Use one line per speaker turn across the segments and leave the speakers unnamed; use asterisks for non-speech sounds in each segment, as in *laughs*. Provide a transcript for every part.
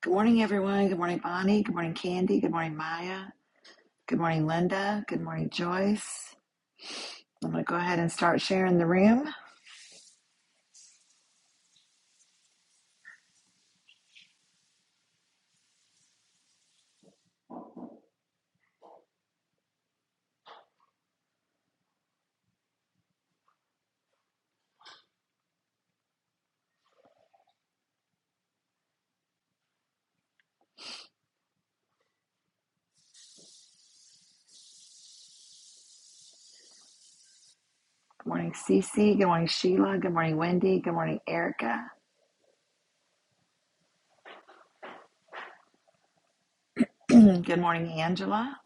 Good morning, everyone. Good morning, Bonnie. Good morning, Candy. Good morning, Maya. Good morning, Linda. Good morning, Joyce. I'm going to go ahead and start sharing the room. Good morning, Cece. Good morning, Sheila. Good morning, Wendy. Good morning, Erica. *clears throat* Good morning, Angela.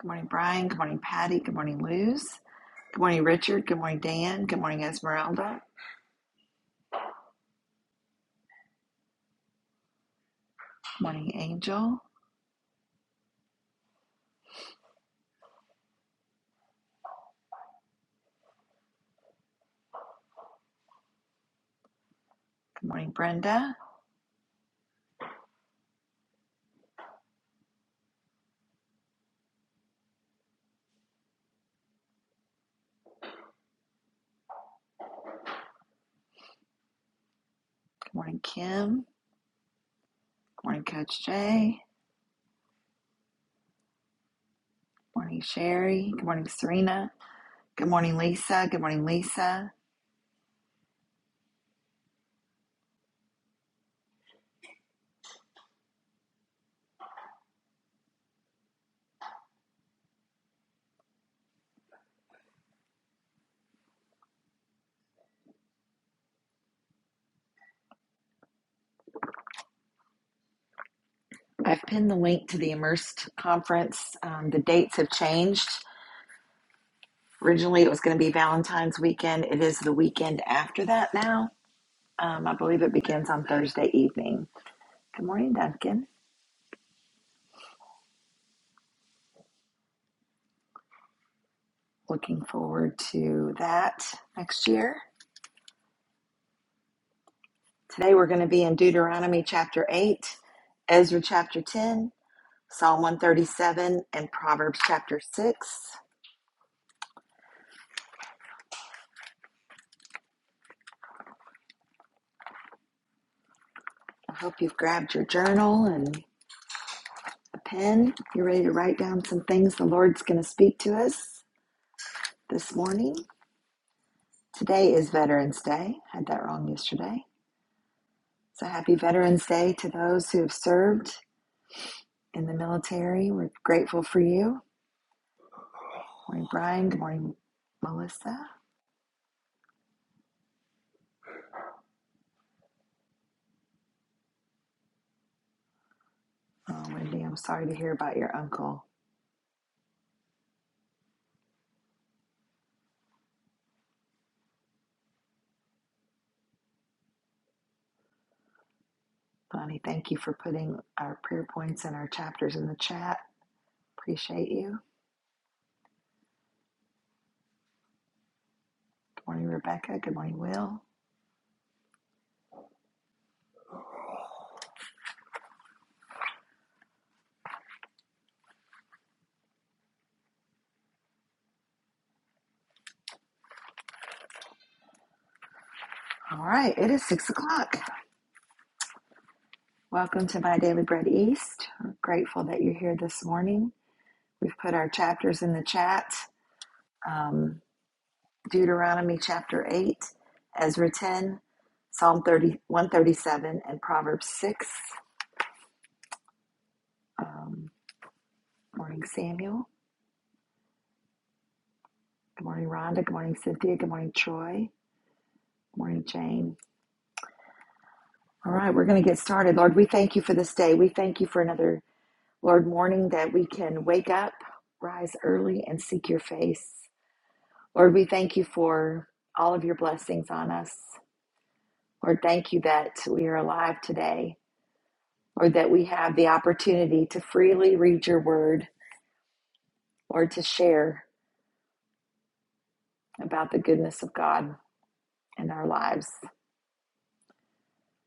Good morning, Brian. Good morning, Patty. Good morning, Luz. Good morning, Richard. Good morning, Dan. Good morning, Esmeralda. Good morning, Angel. Good morning, Brenda. Good morning, Kim. Good morning, Coach Jay. Good morning, Sherry. Good morning, Serena. Good morning, Lisa. Good morning, Lisa. I've pinned the link to the Immersed conference. Um, the dates have changed. Originally, it was going to be Valentine's weekend. It is the weekend after that now. Um, I believe it begins on Thursday evening. Good morning, Duncan. Looking forward to that next year. Today, we're going to be in Deuteronomy chapter 8, Ezra chapter 10, Psalm 137, and Proverbs chapter 6. I hope you've grabbed your journal and. a pen. You're ready to write down some things the Lord's going to speak to us this morning. Today is Veterans Day. I Had that wrong yesterday. So happy Veterans Day to those who have served in the military. We're grateful for you. Good Morning, Brian. Good morning, Melissa. Oh, Wendy, I'm sorry to hear about your uncle. Bonnie, thank you for putting our prayer points and our chapters in the chat. Appreciate you. Good morning, Rebecca. Good morning, Will. All right, it is six o'clock. Welcome to My Daily Bread East. We're grateful that you're here this morning. We've put our chapters in the chat um, Deuteronomy chapter 8, Ezra 10, Psalm thirty one thirty seven, and Proverbs 6. Um, good morning, Samuel. Good morning, Rhonda. Good morning, Cynthia. Good morning, Troy. Good morning, Jane. All right, we're going to get started. Lord, we thank you for this day. We thank you for another, Lord, morning that we can wake up, rise early, and seek your face. Lord, we thank you for all of your blessings on us. Lord, thank you that we are alive today, or that we have the opportunity to freely read your word or to share about the goodness of God in our lives.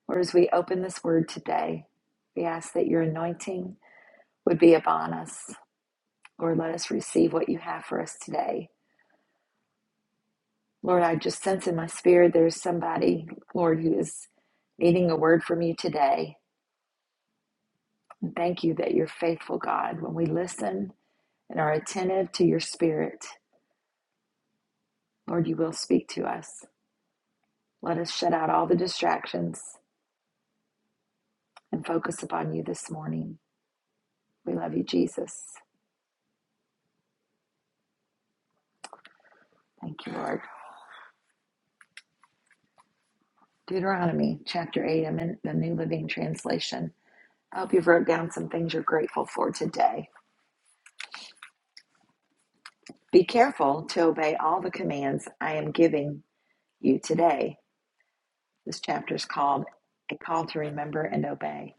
Lord, as we open this word today, we ask that your anointing would be upon us. Lord, let us receive what you have for us today. Lord, I just sense in my spirit there's somebody, Lord, who is needing a word from you today. And thank you that you're faithful, God. When we listen and are attentive to your spirit, Lord, you will speak to us. Let us shut out all the distractions and focus upon you this morning. We love you, Jesus. Thank you, Lord. Deuteronomy chapter 8, I'm in the New Living Translation. I hope you've wrote down some things you're grateful for today. Be careful to obey all the commands I am giving you today. This chapter is called A Call to Remember and Obey.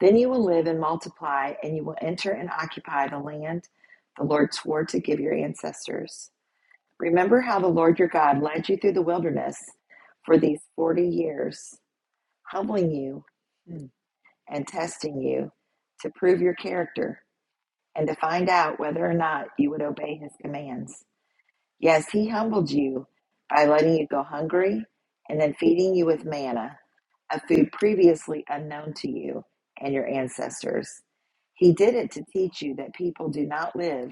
Then you will live and multiply, and you will enter and occupy the land the Lord swore to give your ancestors. Remember how the Lord your God led you through the wilderness for these 40 years, humbling you and testing you to prove your character and to find out whether or not you would obey his commands. Yes, he humbled you by letting you go hungry and then feeding you with manna, a food previously unknown to you and your ancestors. He did it to teach you that people do not live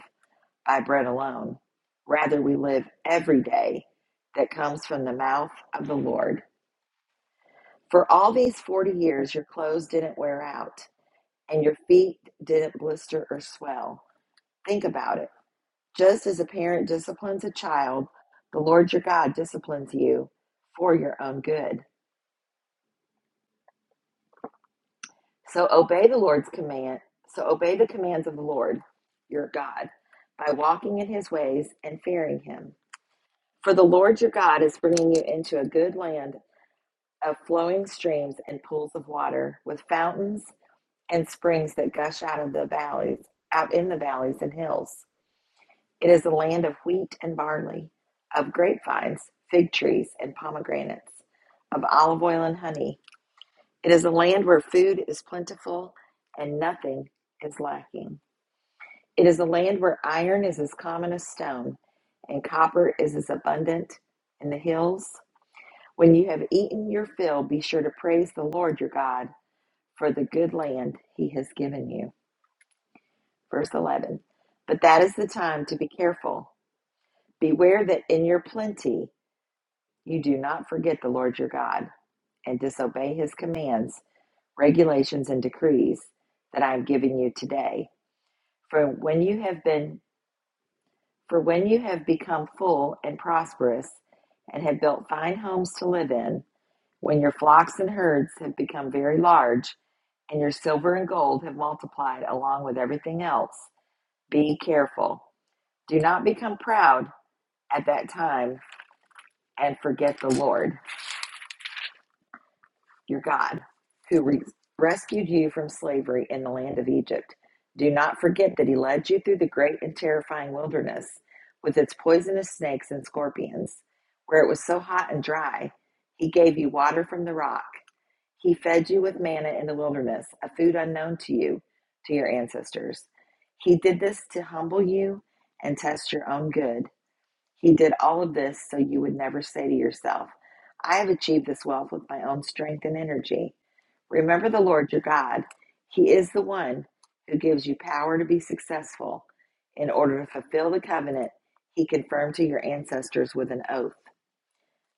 by bread alone. Rather, we live every day that comes from the mouth of the Lord. For all these 40 years, your clothes didn't wear out and your feet didn't blister or swell. Think about it. Just as a parent disciplines a child, the Lord your God disciplines you for your own good. So obey the Lord's command. So obey the commands of the Lord your God by walking in his ways and fearing him. For the Lord your God is bringing you into a good land of flowing streams and pools of water, with fountains and springs that gush out of the valleys, out in the valleys and hills. It is a land of wheat and barley, of grapevines, fig trees, and pomegranates, of olive oil and honey. It is a land where food is plentiful and nothing is lacking. It is a land where iron is as common as stone, and copper is as abundant in the hills. When you have eaten your fill, be sure to praise the Lord your God for the good land he has given you. Verse 11. But that is the time to be careful. Beware that in your plenty, You do not forget the Lord your God and disobey his commands, regulations, and decrees that I am giving you today. For when you have been for when you have become full and prosperous and have built fine homes to live in, when your flocks and herds have become very large, and your silver and gold have multiplied along with everything else, be careful. Do not become proud at that time and forget the Lord. your God, who re- rescued you from slavery in the land of Egypt. Do not forget that he led you through the great and terrifying wilderness with its poisonous snakes and scorpions, where it was so hot and dry. He gave you water from the rock. He fed you with manna in the wilderness, a food unknown to you, to your ancestors. He did this to humble you and test your own good he did all of this so you would never say to yourself, I have achieved this wealth with my own strength and energy. Remember the Lord your God. He is the one who gives you power to be successful in order to fulfill the covenant he confirmed to your ancestors with an oath.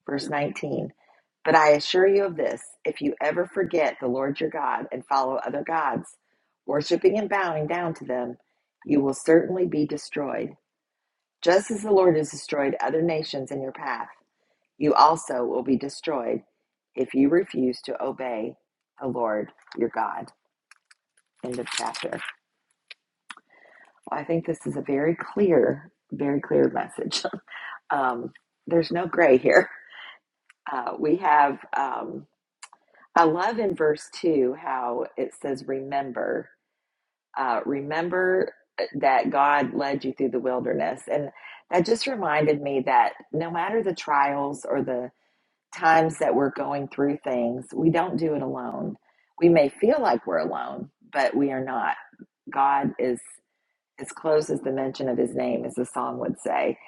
Verse 19. But I assure you of this if you ever forget the Lord your God and follow other gods, worshiping and bowing down to them, you will certainly be destroyed. Just as the Lord has destroyed other nations in your path, you also will be destroyed if you refuse to obey the Lord your God. End of chapter. Well, I think this is a very clear, very clear message. *laughs* Um, there's no gray here. Uh, we have, um, I love in verse 2 how it says, Remember, uh, remember that God led you through the wilderness. And that just reminded me that no matter the trials or the times that we're going through things, we don't do it alone. We may feel like we're alone, but we are not. God is as close as the mention of His name, as the song would say.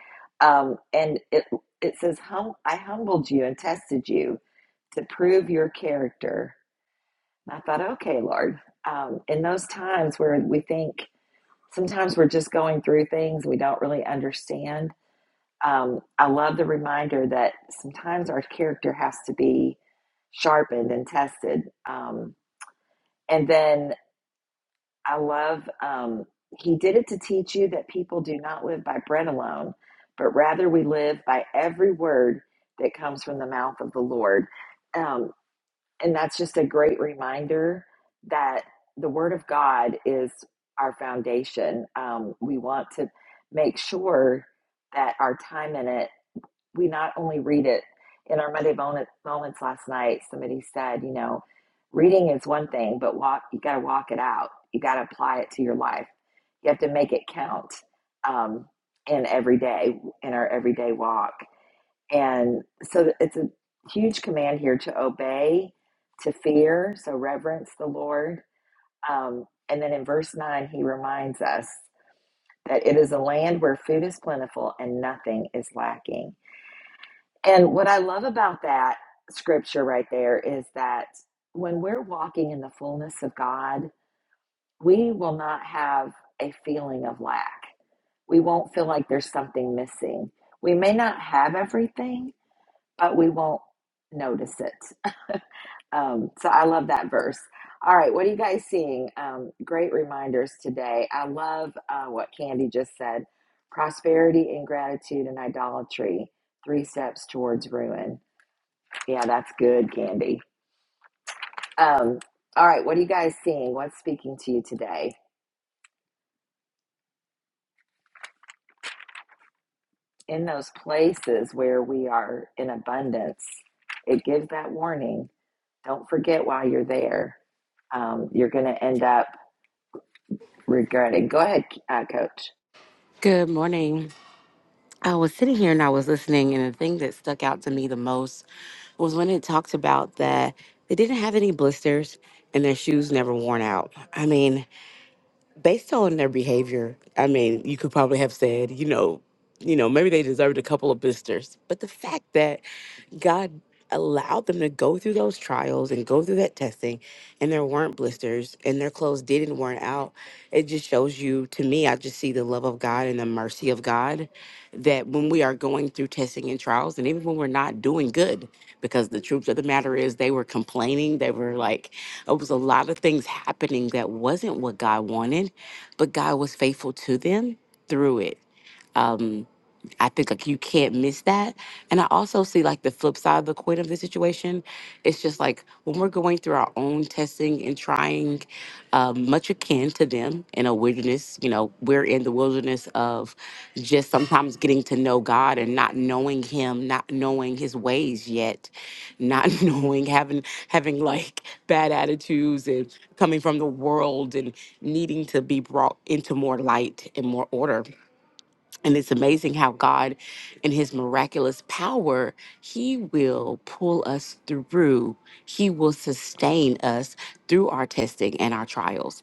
Um, and it it says, hum, "I humbled you and tested you to prove your character." And I thought, okay, Lord, um, in those times where we think sometimes we're just going through things we don't really understand um, I love the reminder that sometimes our character has to be sharpened and tested. Um, and then I love um, he did it to teach you that people do not live by bread alone, but rather we live by every word that comes from the mouth of the Lord. Um, and that's just a great reminder that the Word of God is our foundation. Um, we want to make sure that our time in it we not only read it in our Monday moment, moments last night, somebody said, you know, reading is one thing, but walk, you got to walk it out. You got to apply it to your life. You have to make it count um, in every day, in our everyday walk. And so it's a huge command here to obey, to fear, so reverence the Lord. Um, and then in verse 9, he reminds us that it is a land where food is plentiful and nothing is lacking and what I love about that scripture right there is that when we're walking in the fullness of God, we will not have a feeling of lack. We won't feel like there's something missing. We may not have everything, but we won't notice it. Um, so I love that verse. All right, what are you guys seeing? Um, great reminders today. I love uh, what Candy just said prosperity, ingratitude, and idolatry, three steps towards ruin. Yeah, that's good, Candy. Um, all right, what are you guys seeing? What's speaking to you today? In those places where we are in abundance, it gives that warning. Don't forget while you're there, um, you're going to end up regretting. Go ahead, uh, Coach.
Good morning. I was sitting here and I was listening, and the thing that stuck out to me the most was when it talked about that they didn't have any blisters and their shoes never worn out. I mean, based on their behavior, I mean, you could probably have said, you know, you know, maybe they deserved a couple of blisters, but the fact that God allowed them to go through those trials and go through that testing, and there weren't blisters and their clothes didn't wear out. It just shows you, to me, I just see the love of God and the mercy of God that when we are going through testing and trials, and even when we're not doing good, because the truth of the matter is they were complaining, they were like, it was a lot of things happening that wasn't what God wanted, but God was faithful to them through it. Um, I think like you can't miss that. And I also see like the flip side of the coin of the situation. It's just like when we're going through our own testing and trying, um, much akin to them in a wilderness. You know, we're in the wilderness of just sometimes getting to know God and not knowing Him, not knowing His ways yet, not *laughs* knowing having having like bad attitudes and coming from the world and needing to be brought into more light and more order and it's amazing how God, in his miraculous power, he will pull us through. He will sustain us through our testing and our trials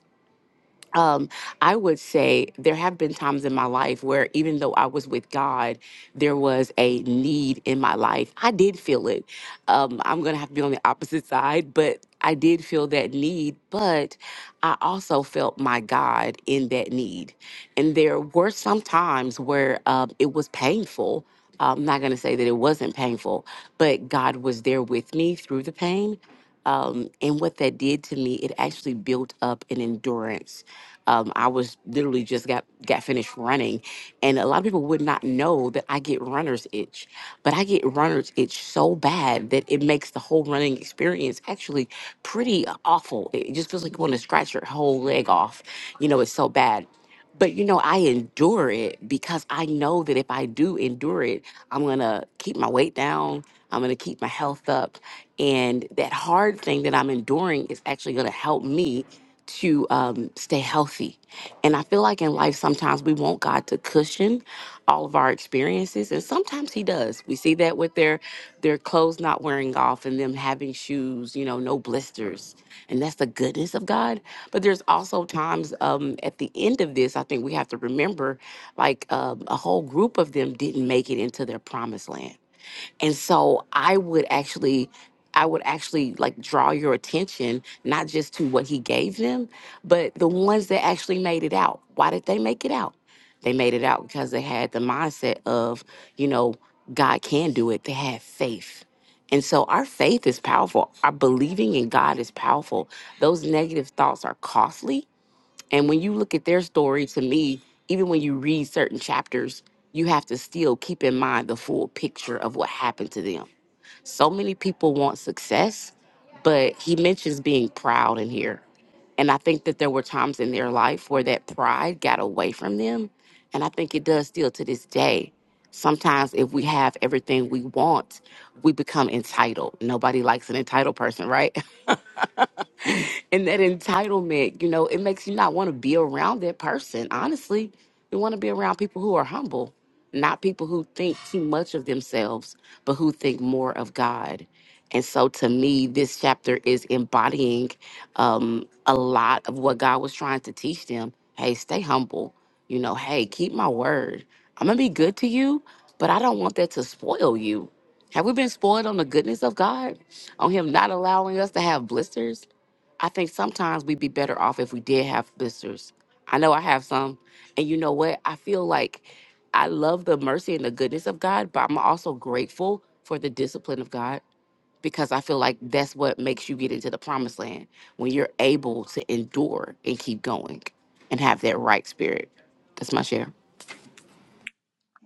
um, I would say there have been times in my life where even though I was with God, there was a need in my life. I did feel it. Um, I'm going to have to be on the opposite side, but I did feel that need. But I also felt my God in that need. And there were some times where um, it was painful. I'm not going to say that it wasn't painful, but God was there with me through the pain. Um, and what that did to me, it actually built up an endurance um, I was literally just got got finished running, and a lot of people would not know that I get runner's itch, but I get runner's itch so bad that it makes the whole running experience actually pretty awful. It just feels like you want to scratch your whole leg off. You know, it's so bad. But you know, I endure it because I know that if I do endure it, I'm gonna keep my weight down. I'm gonna keep my health up, and that hard thing that I'm enduring is actually gonna help me to um, stay healthy. And I feel like in life sometimes we want God to cushion all of our experiences. And sometimes he does. We see that with their their clothes not wearing off and them having shoes, you know, no blisters. And that's the goodness of God. But there's also times um, at the end of this, I think we have to remember like um, a whole group of them didn't make it into their promised land and so I would actually I would actually like draw your attention not just to what he gave them, but the ones that actually made it out. Why did they make it out? They made it out because they had the mindset of, you know, God can do it. They had faith. And so our faith is powerful. Our believing in God is powerful. Those negative thoughts are costly and when you look at their story, to me, even when you read certain chapters, you have to still keep in mind the full picture of what happened to them. So many people want success, but he mentions being proud in here. And I think that there were times in their life where that pride got away from them. And I think it does still to this day. Sometimes, if we have everything we want, we become entitled. Nobody likes an entitled person, right? *laughs* and that entitlement, you know, it makes you not want to be around that person. Honestly, you want to be around people who are humble, not people who think too much of themselves, but who think more of God. And so to me, this chapter is embodying um, a lot of what God was trying to teach them. Hey, stay humble. You know, hey, keep my word. I'm going to be good to you, but I don't want that to spoil you. Have we been spoiled on the goodness of God? On Him not allowing us to have blisters? I think sometimes we'd be better off if we did have blisters. I know I have some. And you know what? I feel like I love the mercy and the goodness of God, but I'm also grateful for the discipline of God because I feel like that's what makes you get into the promised land when you're able to endure and keep going and have that right spirit. That's my share.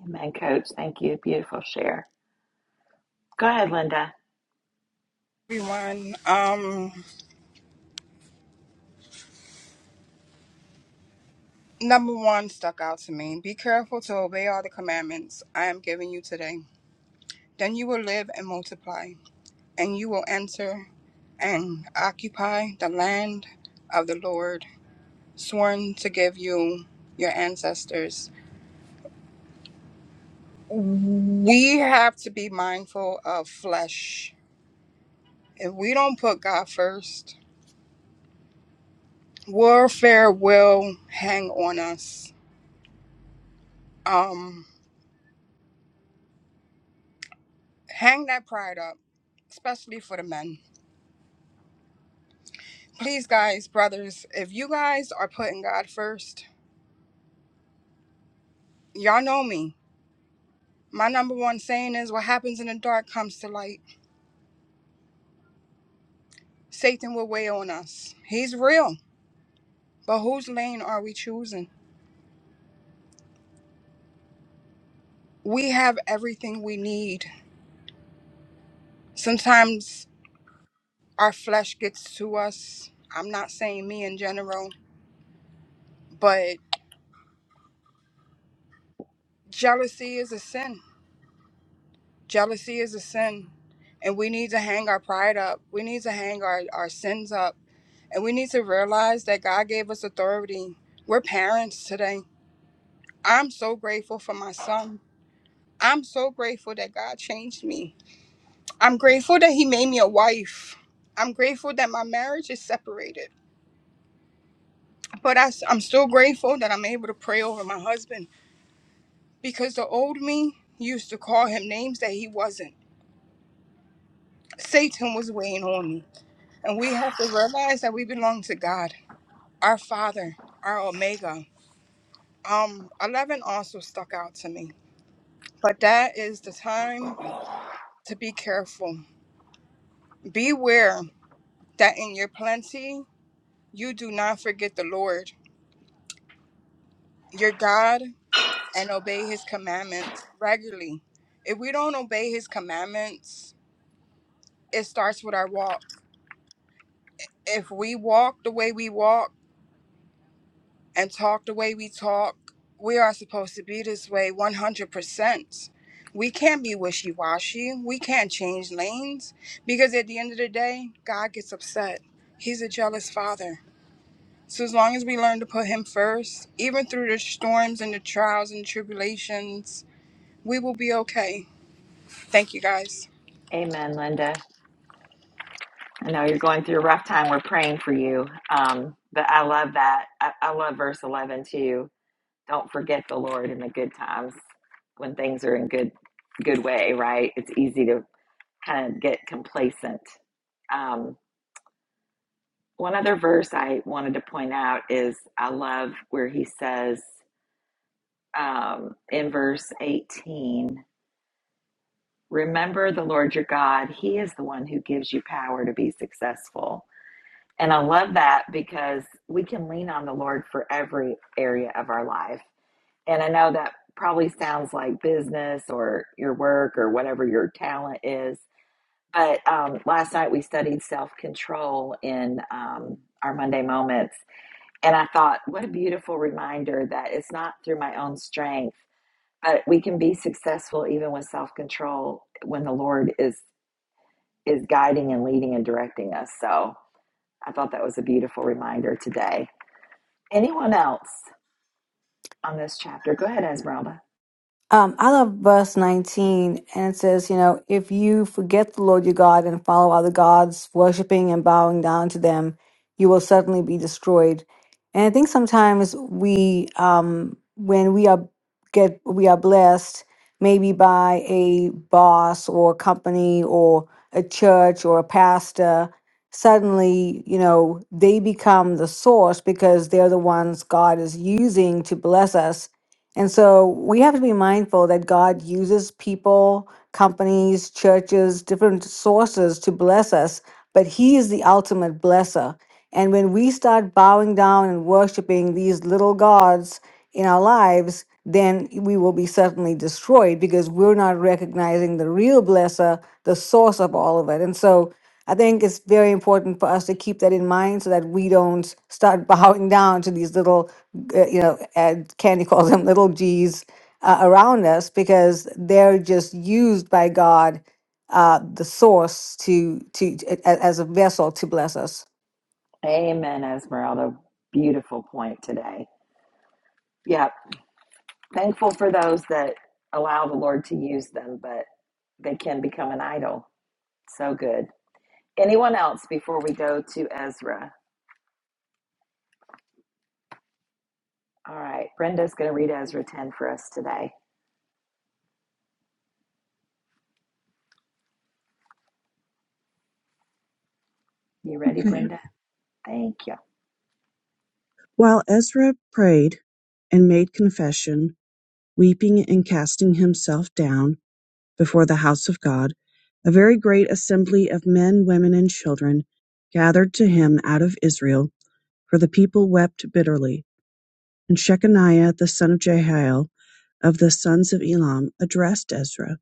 Amen, Coach. Thank you. Beautiful share. Go ahead, Linda.
everyone. Um, number one stuck out to me. Be careful to obey all the commandments I am giving you today. Then you will live and multiply, and you will enter and occupy the land of the Lord, sworn to give you your ancestors. We have to be mindful of flesh. If we don't put God first, warfare will hang on us. Um, hang that pride up, especially for the men Please, guys, brothers, if you guys are putting God first, y'all know me. My number one saying is what happens in the dark comes to light. Satan will weigh on us. He's real, but whose lane are we choosing? We have everything we need. Sometimes our flesh gets to us. I'm not saying me in general, but jealousy is a sin. Jealousy is a sin. And we need to hang our pride up. We need to hang our, our sins up And we need to realize that God gave us authority. We're parents today. I'm so grateful for my son. I'm so grateful that God changed me. I'm grateful that He made me a wife. I'm grateful that my marriage is separated. But I, am still grateful that I'm able to pray over my husband because the old me used to call him names that he wasn't. Satan was weighing on me. And we have to realize that we belong to God, our Father, our Omega. Um, 11 also stuck out to me But that is the time to be careful. Beware that in your plenty you do not forget the Lord, your God, and obey his commandments regularly. If we don't obey his commandments, it starts with our walk. If we walk the way we walk, and talk the way we talk. We are supposed to be this way 100%. We can't be wishy washy. We can't change lanes because at the end of the day, God gets upset. He's a jealous father. So, as long as we learn to put Him first, even through the storms and the trials and tribulations, we will be okay. Thank you guys.
Amen, Linda. I know you're going through a rough time. We're praying for you. Um, but I love that. I, I love verse 11 too Don't forget the Lord in the good times when things are in good good way, right? It's easy to kind of get complacent. Um, one other verse I wanted to point out is I love where he says um, in verse 18, Remember the Lord your God, He is the one who gives you power to be successful. And I love that because we can lean on the Lord for every area of our life. And I know that probably sounds like business or your work or whatever your talent is. But um, last night we studied self control in um, our Monday moments. And I thought, what a beautiful reminder that it's not through my own strength, but we can be successful even with self control when the Lord is, is guiding and leading and directing us. So I thought that was a beautiful reminder today. Anyone else on this chapter? Go ahead, Esmeralda.
Um, I love verse 19, and it says, you know, if you forget the Lord your God and follow other gods, worshiping and bowing down to them, you will certainly be destroyed. And I think sometimes we, um, when we are get we are blessed, maybe by a boss or a company or a church or a pastor, suddenly, you know, they become the source because they're the ones God is using to bless us and so we have to be mindful that God uses people, companies, churches, different sources to bless us, but He is the ultimate blesser. And when we start bowing down and worshiping these little gods in our lives, then we will be certainly destroyed because we're not recognizing the real blesser, the source of all of it. And so I think it's very important for us to keep that in mind so that we don't start *laughs* bowing down to these little uh, you know, and Candy calls them little G's uh, around us because they're just used by God, uh, the source to to a- a- as a vessel to bless us.
Amen, Esmeralda. Beautiful point today. Yeah, thankful for those that allow the Lord to use them, but they can become an idol. So good. Anyone else before we go to Ezra? All right, Brenda's going to read Ezra 10 for us today. You ready,
Okay.
Brenda? Thank you.
While Ezra prayed and made confession, weeping and casting himself down before the house of God, a very great assembly of men, women, and children gathered to him out of Israel, for the people wept bitterly. And Shechaniah the son of Jehiel of the sons of Elam addressed Ezra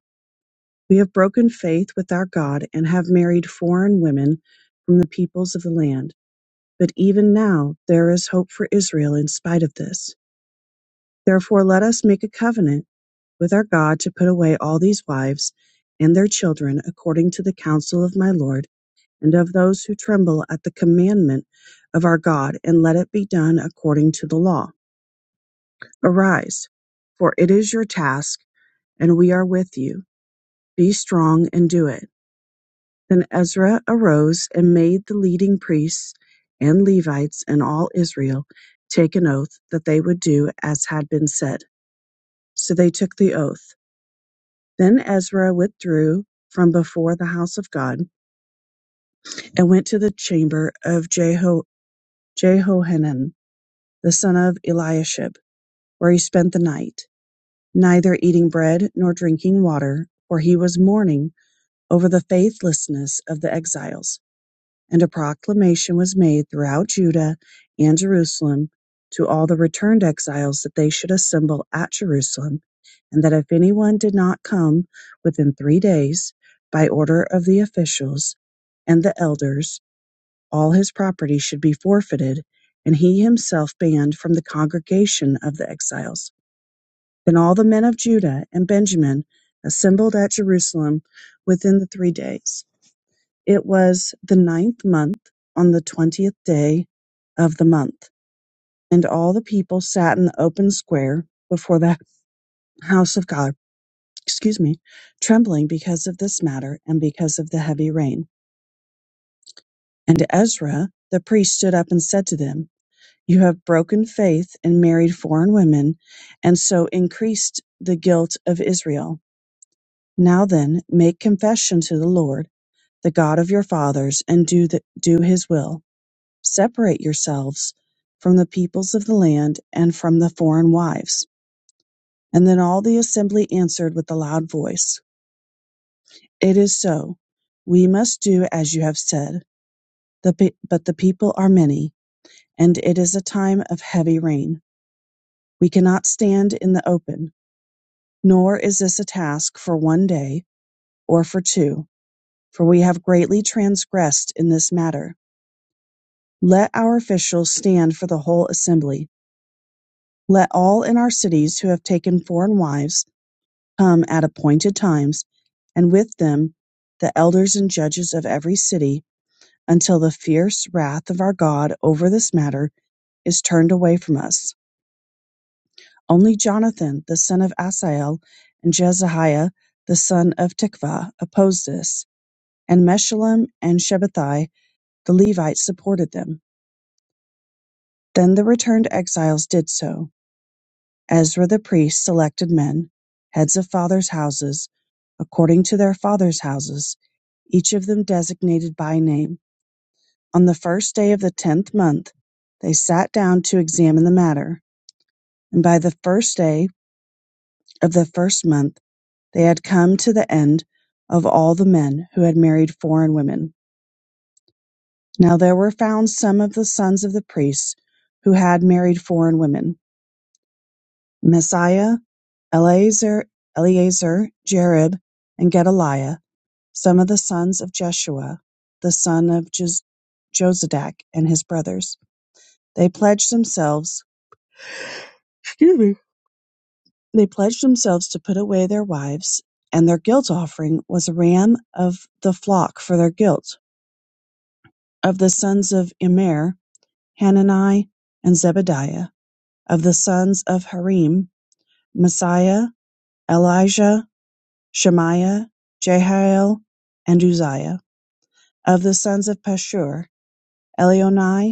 We have broken faith with our God and have married foreign women from the peoples of the land. But even now there is hope for Israel in spite of this. Therefore let us make a covenant with our God to put away all these wives and their children according to the counsel of my Lord and of those who tremble at the commandment of our God, and let it be done according to the law. Arise, for it is your task, and we are with you. Be strong and do it. Then Ezra arose and made the leading priests and Levites and all Israel take an oath that they would do as had been said. So they took the oath. Then Ezra withdrew from before the house of God, and went to the chamber of Jeho- Jehohanan the son of Eliashib, where he spent the night, neither eating bread nor drinking water, for he was mourning over the faithlessness of the exiles. And a proclamation was made throughout Judah and Jerusalem to all the returned exiles that they should assemble at Jerusalem, and that if anyone did not come within three days, by order of the officials and the elders, all his property should be forfeited, and he himself banned from the congregation of the exiles. Then all the men of Judah and Benjamin assembled at Jerusalem within the three days. It was the ninth month, on the twentieth day of the month, and all the people sat in the open square before the house of God, excuse me, trembling because of this matter and because of the heavy rain. And Ezra the priest stood up and said to them, You have broken faith and married foreign women, and so increased the guilt of Israel. Now then, make confession to the Lord, the God of your fathers, and do, the, do his will. separate yourselves from the peoples of the land and from the foreign wives. And then all the assembly answered with a loud voice, It is so. We must do as you have said. The pe- but the people are many, and it is a time of heavy rain. We cannot stand in the open, nor is this a task for one day or for two, for we have greatly transgressed in this matter. Let our officials stand for the whole assembly. Let all in our cities who have taken foreign wives come at appointed times, and with them the elders and judges of every city, until the fierce wrath of our God over this matter is turned away from us. Only Jonathan, the son of Asael, and Jezahiah, the son of Tikvah, opposed this, and Meshullam and Shabbatai, the Levites, supported them. Then the returned exiles did so. Ezra the priest selected men, heads of fathers' houses, according to their fathers' houses, each of them designated by name. On the first day of the tenth month they sat down to examine the matter, and by the first day of the first month they had come to the end of all the men who had married foreign women. Now there were found some of the sons of the priests who had married foreign women Messiah, Eleazar, Eleazar Jarib, and Gedaliah Some of the sons of Jeshua, the son of Jos- Jozadak, and his brothers, they pledged themselves. Excuse me. They pledged themselves to put away their wives, and their guilt offering was a ram of the flock for their guilt. Of the sons of Immer, Hanani, and Zebadiah. Of the sons of Harim, Messiah, Elijah, Shemaiah, Jehiel, and Uzziah. Of the sons of Pashur, Elionai,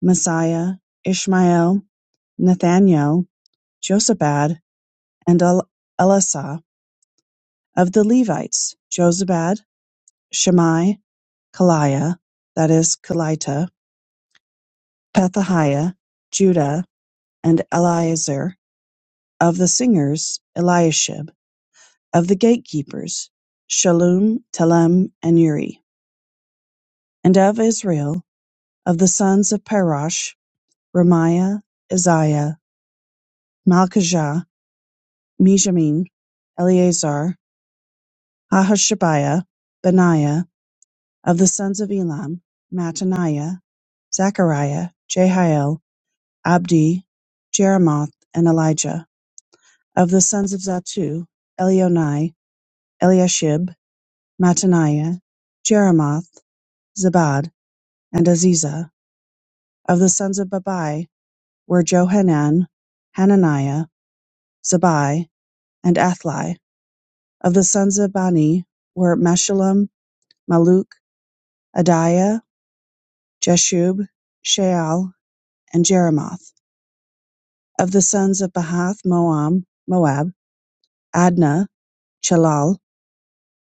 Messiah, Ishmael, Nathaniel, Josabad, and Elisha; of the Levites, Josabad, Shammai, Kaliah (that is, Kelita), Pethahiah, Judah, and Eleazar; of the singers, Eliashib; of the gatekeepers, Shallum, Telem, and Uri; and of Israel, of the sons of Parosh, Remiah, Isaiah, Malchijah, Mizammin, Eleazar Ahashabaiah, Benaiah, of the sons of Elam, Mattaniah, Zechariah, Jehiel, Abdi, Jeremoth, and Elijah, of the sons of Zatu, Elionai, Eliashib, Mattaniah, Jeremoth, Zabad, and Aziza, of the sons of Babai, were Johanan, Hananiah, Zabai, and Athli, of the sons of Bani, were Meshullam, Maluk, Adiah, Jeshub, Sheal, and Jeremoth. Of the sons of Bahath Moam, Moab, Adnah, Chelal,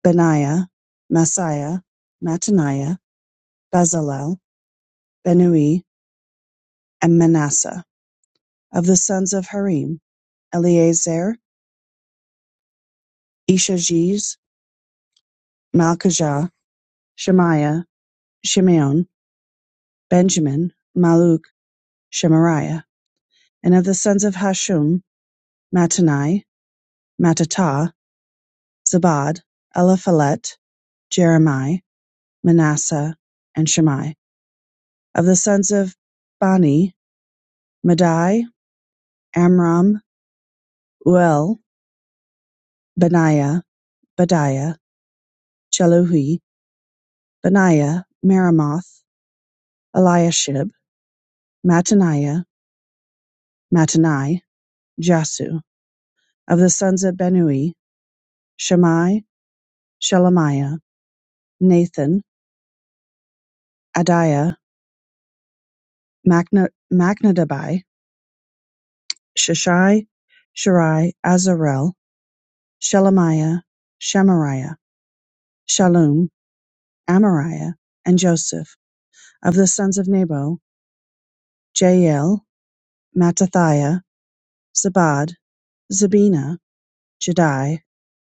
Benaiah, Maaseiah, Mattaniah, Bezalel, Benui, and Manasseh. Of the sons of Harim, Eleazar, Ishajiz, Malchijah, Shemaiah, Shimeon, Benjamin, Maluk, Shemariah. And of the sons of Hashum, Mattani, Mattatah, Zabad, Eliphalet, Jeremiah, Manasseh, and Shammai; of the sons of Bani: Madai, Amram, Uel, Benaiah, Badiah, Sheluhi, Benaiah, Meremoth, Eliashib, Mattaniah, Mattanai, Jasu; of the sons of Benui, Shammai, Shelemiah, Nathan, Adiah, Machnadabai, Sheshai, Shirai, Azarel, Shelemiah, Shemariah, Shallum Amariah and Joseph; of the sons of Nebo; Jael, Mattathiah, Zabad, Zabina, Jedi,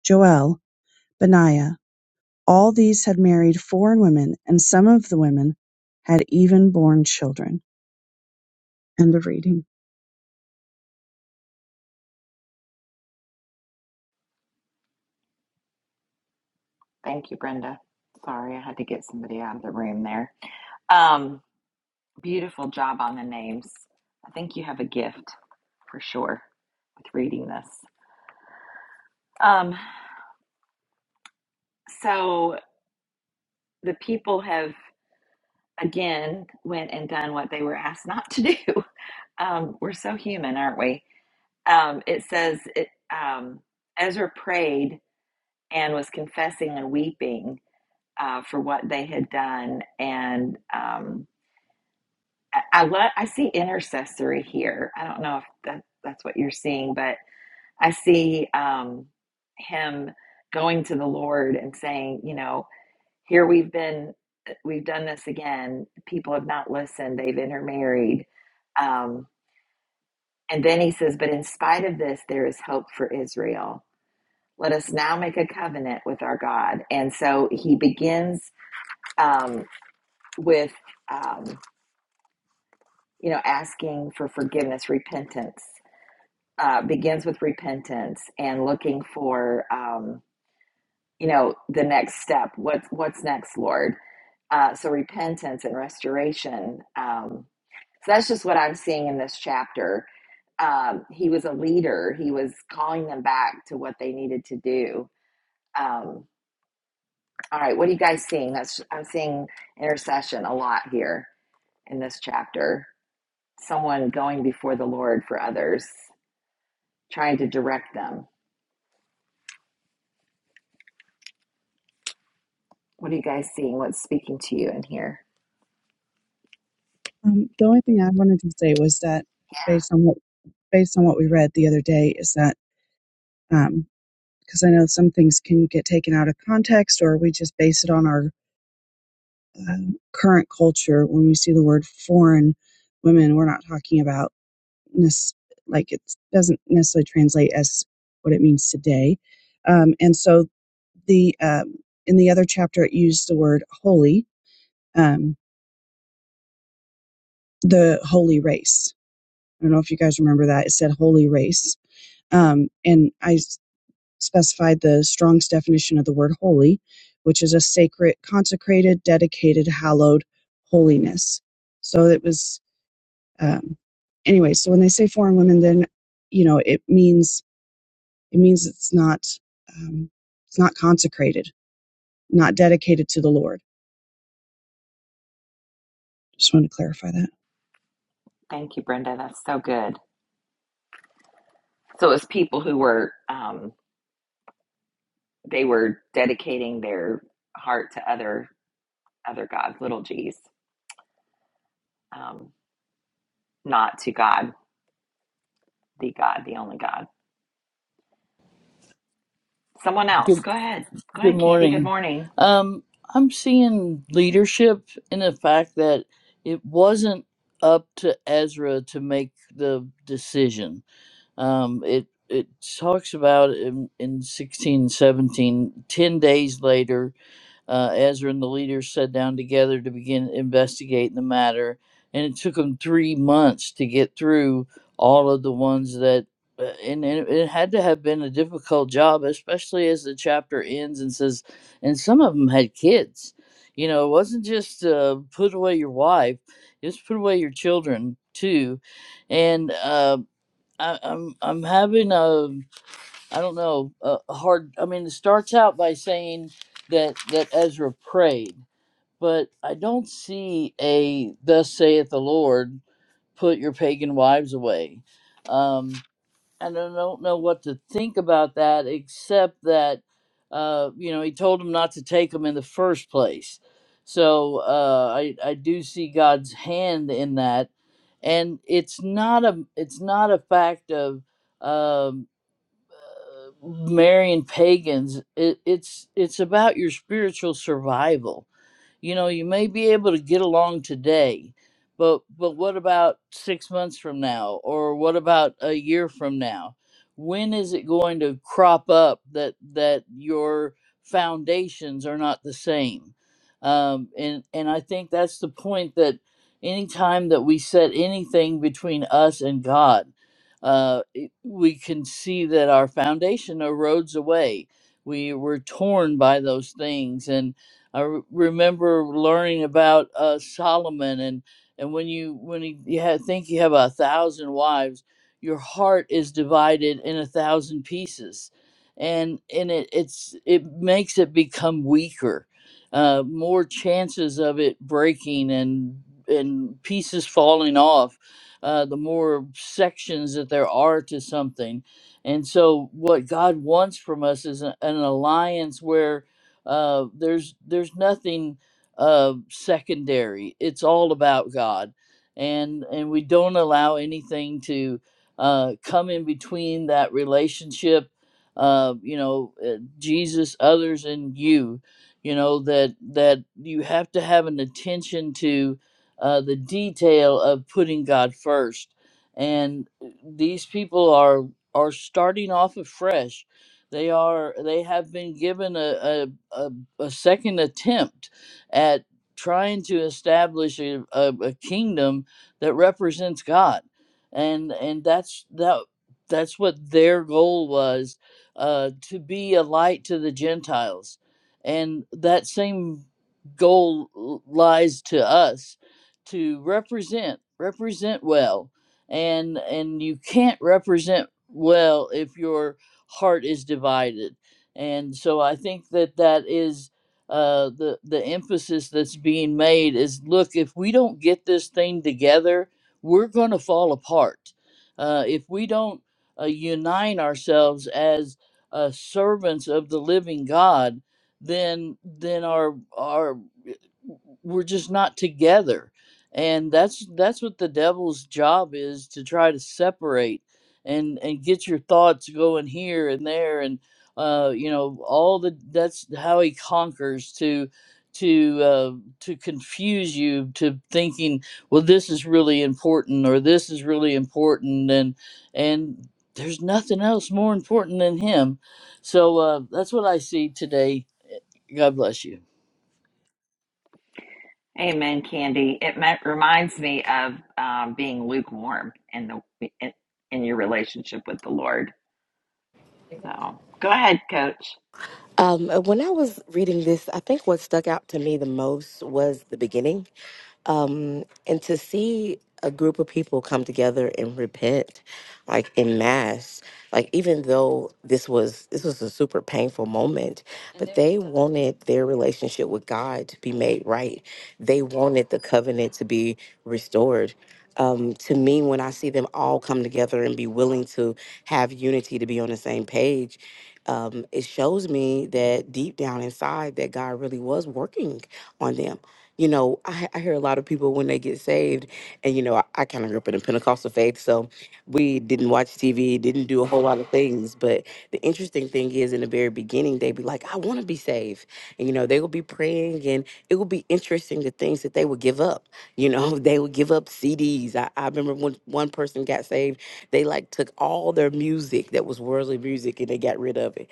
Joel, Benaiah: all these had married foreign women, and some of the women had even borne children. End of reading.
Thank you, Brenda. Sorry, I had to get somebody out of the room there. Um, beautiful job on the names. I think you have a gift for sure with reading this. Um, so the people have again went and done what they were asked not to do. *laughs* Um, we're so human, aren't we? Um, it says it, um, Ezra prayed and was confessing and weeping uh, for what they had done, and um, I, I, lo- I see intercessory here. I don't know if that, that's what you're seeing, but I see um, him going to the Lord and saying, you know. Here we've been, eh, we've done this again. People have not listened, they've intermarried. Um, and then he says, But in spite of this, there is hope for Israel. Let us now make a covenant with our God. And so he begins um, with, um, you know, asking for forgiveness, repentance, uh, begins with repentance and looking for. Um, you know the next step what's what's next lord uh, so repentance and restoration um, so that's just what i'm seeing in this chapter um, he was a leader he was calling them back to what they needed to do um, all right what are you guys seeing that's i'm seeing intercession a lot here in this chapter someone going before the lord for others trying to direct them what are you guys seeing what's speaking to you in here
Um, the only thing I wanted to say was that based on what based on what we read the other day is that because um, I know some things can get taken out of context or we just base it on our um, current culture, when we see the word foreign women, we're not talking about this. like it doesn't necessarily translate as what it means today. Um, and so the um, in the other chapter, it used the word holy, um, the holy race. I don't know if you guys remember that. It said holy race, um, and I specified the Strong's definition of the word holy, which is a sacred, consecrated, dedicated, hallowed holiness. So it was Um, anyway, so when they say foreign women, then you know it means it means it's not um, it's not consecrated, not dedicated to the Lord. Just wanted to clarify that.
thank you brenda that's so good So it was people who were um, they were dedicating their heart to other other gods, little g's, um, not to God, the God, the only God. Someone else,
Good,
go ahead, go
good
ahead, Candy. Good
morning.
morning.
Um, I'm seeing leadership in the fact that it wasn't up to Ezra to make the decision. Um, it it talks about in, in 16, seventeen, ten days later, uh, Ezra and the leaders sat down together to begin investigating the matter, and it took them three months to get through all of the ones that, uh, and, and it had to have been a difficult job, especially as the chapter ends and says, and some of them had kids. You know, it wasn't just uh, put away your wife; it's put away your children too. And uh, I, I'm I'm having a I don't know, uh, hard. I mean, it starts out by saying that that Ezra prayed, but I don't see a "Thus saith the Lord: Put your pagan wives away." Um, and I don't know what to think about that, except that uh, you know he told him not to take them in the first place. So uh, I I do see God's hand in that, and it's not a it's not a fact of. um, marrying pagans. It, it's it's about your spiritual survival. You know, you may be able to get along today, but but what about 6 months from now or what about a year from now? When is it going to crop up that that your foundations are not the same? Um, and and I think that's the point that anytime that we set anything between us and God, uh, it- we can see that our foundation erodes away. We were torn by those things, and. I re- remember learning about uh, Solomon, and and when you when you, you ha think you have a thousand wives, your heart is divided in a thousand pieces, and and it it's it makes it become weaker, uh, more chances of it breaking and and pieces falling off. Uh, the more sections that there are to something. And so, what God wants from us is a- an alliance where uh, there's there's nothing uh, secondary. It's all about God, and and we don't allow anything to uh, come in between that relationship. Uh, you know, uh, Jesus, others, and you. You know that that you have to have an attention to uh, the detail of putting God first and uh, these people are are starting off afresh. They are they have been given a, a, a second attempt at trying to establish a, a, a kingdom that represents God, and and that's that that's what their goal was uh, to be a light to the Gentiles, and that same goal l- lies to us to represent represent well and and you can't represent well if your heart is divided and so I think that that is uh, the the emphasis that's being made is look if we don't get this thing together, we're going to fall apart. Uh, if we don't uh, unite ourselves as uh, servants of the living God, then then our our eh, we're just not together, and that's that's what the devil's job is to try to separate and and get your thoughts going here and there and uh, you know all the that's how he conquers to to uh, to confuse you to thinking well this is really important or this is really important and and there's nothing else more important than him so uh, that's what i see today god bless you
Amen, Candy. It me- reminds me of um, being lukewarm in the in, in your relationship with the Lord. So go ahead, Coach.
Um, uh, when I was reading this, I think what stuck out to me the most was the beginning. Um, and to see a group of people come together and repent, like in mass, like even though this was this was a super painful moment, but they wanted their relationship with God to be made right. They wanted the covenant to be restored. Um, to me, when I see them all come together and be willing to have unity to be on the same page, um, it shows me that deep down inside that God really was working on them. You know, I, I hear a lot of people when they get saved, and you know, I, I kind of grew up in a Pentecostal faith, so we didn't watch TV, didn't do a whole lot of things. But the interesting thing is, in the very beginning, they'd be like, "I want to be saved," and you know, they would be praying, and it would be interesting the things that they would give up. You know, *laughs* they would give up CDs. I, I remember when one person got saved they like took all their music that was worldly music and they got rid of it.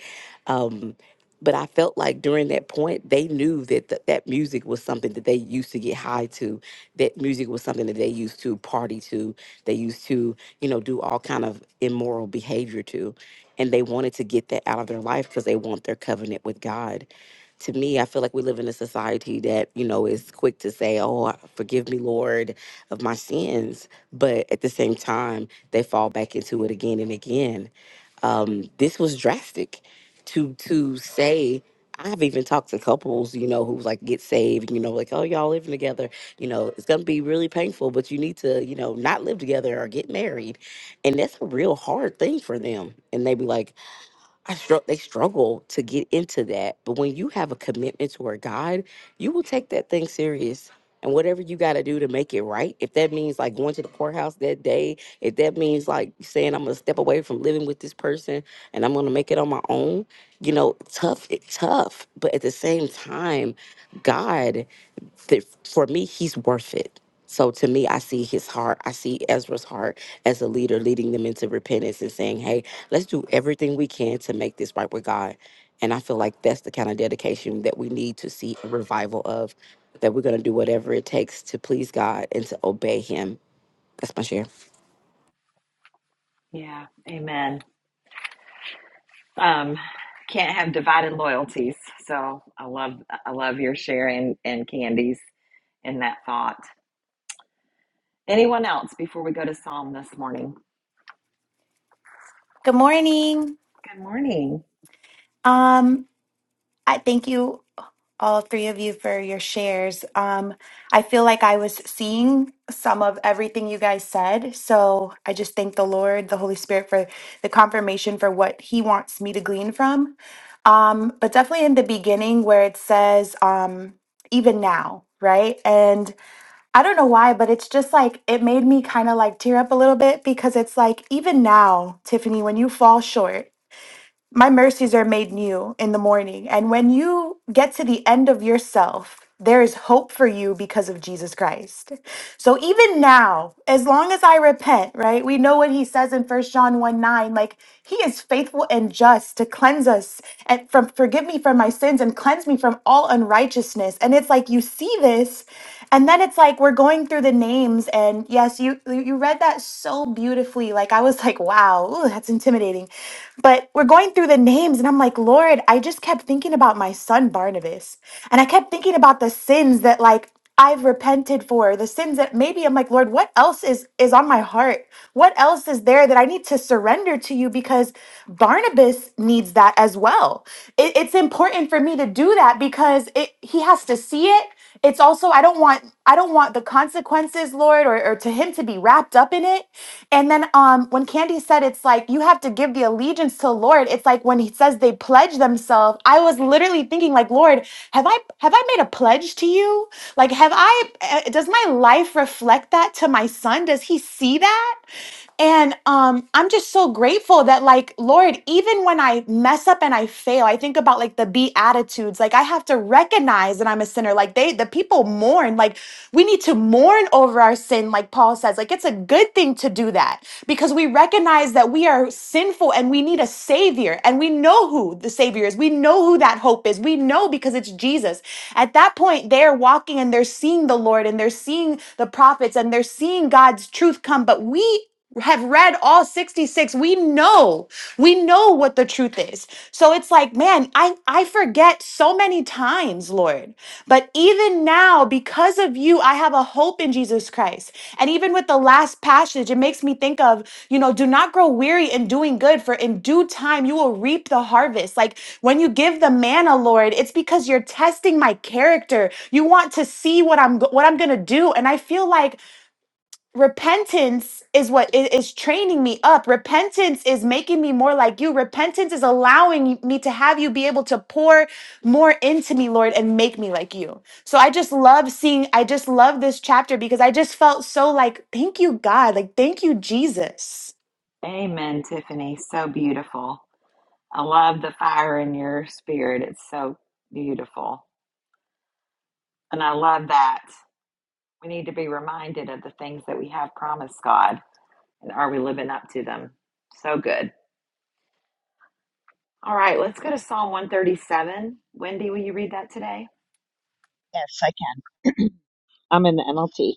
Um, but I felt like during that point, they knew that th- that music was something that they used to get high to. That music was something that they used to party to. They used to, you know, do all kind of immoral behavior to, and they wanted to get that out of their life because they want their covenant with God. To me, I feel like we live in a society that you know is quick to say, "Oh, forgive me, Lord, of my sins," But at the same time, they fall back into it again and again. Um, this was drastic to to say. I've even talked to couples, you know, who's like get saved, you know, like, oh, y'all living together, you know, it's gonna be really painful, but you need to, you know, not live together or get married. And that's a real hard thing for them. And they be like, I struggle. They struggle to get into that. But when you have a commitment toward God, you will take that thing serious. And whatever you got to do to make it right, if that means like going to the courthouse that day, if that means like saying I'm gonna step away from living with this person and I'm gonna make it on my own, you know, tough, tough. But at the same time, God, th- for me, He's worth it. So to me, I see His heart. I see Ezra's heart as a leader, leading them into repentance and saying, "Hey, let's do everything we can to make this right with God." And I feel like that's the kind of dedication that we need to see a revival of. That we're going to do whatever it takes to please God and to obey Him. That's my share.
Yeah, Amen. Um, can't have divided loyalties. So I love I love your sharing and Candy's in that thought. Anyone else before we go to Psalm this morning?
Good morning.
Good morning.
Um, I thank you all three of you for your shares. Um, I feel like I was seeing some of everything you guys said, so I just thank the Lord, the Holy Spirit for the confirmation for what he wants me to glean from. Um, but definitely in the beginning where it says um even now, right? And I don't know why, but it's just like it made me kind of like tear up a little bit because it's like even now, Tiffany, when you fall short My mercies are made new in the morning. And when you get to the end of yourself, there is hope for you because of Jesus Christ. So even now, as long as I repent, right? We know what he says in First John 1 9, like he is faithful and just to cleanse us and from forgive me from my sins and cleanse me from all unrighteousness. And it's like you see this, and then it's like we're going through the names, and yes, you you you read that so beautifully. Like I was like, wow, ooh, that's intimidating. But we're going through the names, and I'm like, Lord, I just kept thinking about my son Barnabas. And I kept thinking about the sins that like I've repented for the sins that maybe I'm like, Lord, what else is is on my heart? What else is there that I need to surrender to you? Because Barnabas needs that as well. It- it's important for me to do that because it, he has to see it. It's also I don't want I don't want the consequences, Lord. Lord, or, or to him to be wrapped up in it. And then um, when Candy said it's like you have to give the allegiance to the Lord, it's like when he says they pledge themselves, I was literally thinking like, Lord, have I have I made a pledge to you? Like, have I? uh, Does my life reflect that to my son? Does he see that? And um, I'm just so grateful that, like, Lord, even when I mess up and I fail, I think about like the beatitudes. Like, I have to recognize that I'm a sinner. Like, they, the people mourn. Like, we need to mourn over our sin, like Paul says. Like, it's a good thing to do that because we recognize that we are sinful and we need a savior. And we know who the savior is. We know who that hope is. We know because it's Jesus. At that point, they're walking and they're seeing the Lord and they're seeing the prophets and they're seeing God's truth come. But we have read all 66 we know we know what the truth is so it's like man i i forget so many times lord but even now because of you i have a hope in jesus christ and even with the last passage it makes me think of you know do not grow weary in doing good for in due time you will reap the harvest like when you give the manna lord it's because you're testing my character you want to see what i'm go- what i'm gonna do and i feel like repentance is what i- is training me up repentance is making me more like you repentance is allowing me to have you be able to pour more into me lord and make me like you so i just love seeing i just love this chapter because i just felt so like thank you god like thank you jesus
Amen, Tiffany. So beautiful. I love the fire in your spirit. It's so beautiful. And I love that. We need to be reminded of the things that we have promised God. And are we living up to them? So good. All right, let's go to Psalm 137. Wendy, will you read that today?
Yes, I can. I'm in the NLT.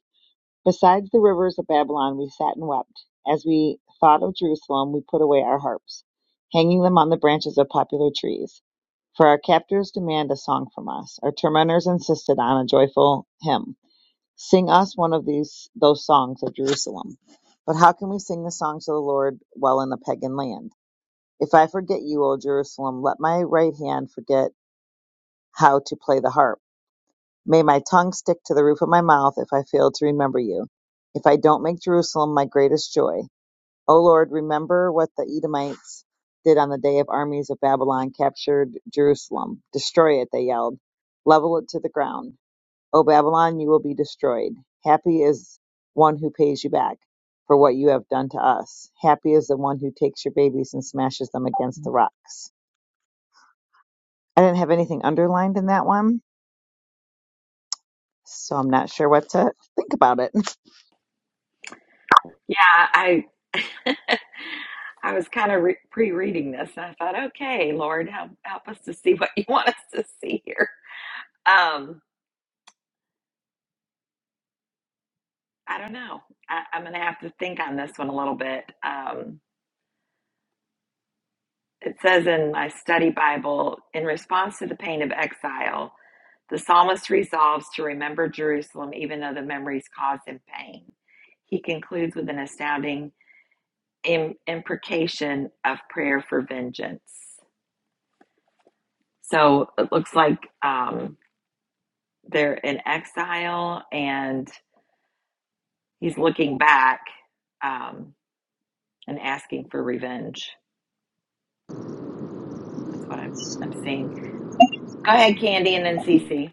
Besides the rivers of Babylon, we sat and wept. As we thought of Jerusalem, we put away our harps, hanging them on the branches of poplar trees. For our captors demand a song from us. Our tormentors insisted on a joyful hymn. Sing us one of these those songs of Jerusalem. But how can we sing the songs of the Lord while in a pagan land? If I forget you, O Jerusalem, let my right hand forget how to play the harp. May my tongue stick to the roof of my mouth if I fail to remember you, if I don't make Jerusalem my greatest joy. O Lord, remember what the Edomites did on the day of armies of Babylon captured Jerusalem. Destroy it, they yelled. Level it to the ground. O Babylon, you will be destroyed. Happy is one who pays you back for what you have done to us. Happy is the one who takes your babies and smashes them against the rocks. I didn't have anything underlined in that one, so I'm not sure what to think about it. *laughs*
Yeah, I *laughs* I was kind of re pre-reading this and I thought, okay, Lord, help help us to see what you *laughs* want us to see here. Um, I don't know. I, I'm gonna have to think on this one a little bit. Um, it says in my study Bible, in response to the pain of exile, the psalmist resolves to remember Jerusalem even though the memories cause him pain. He concludes with an astounding im imprecation of prayer for vengeance. So it looks like um, they're in exile and he's looking back um, and asking for revenge. That's what I'm, I'm seeing. Go ahead, Candy, and then Cece.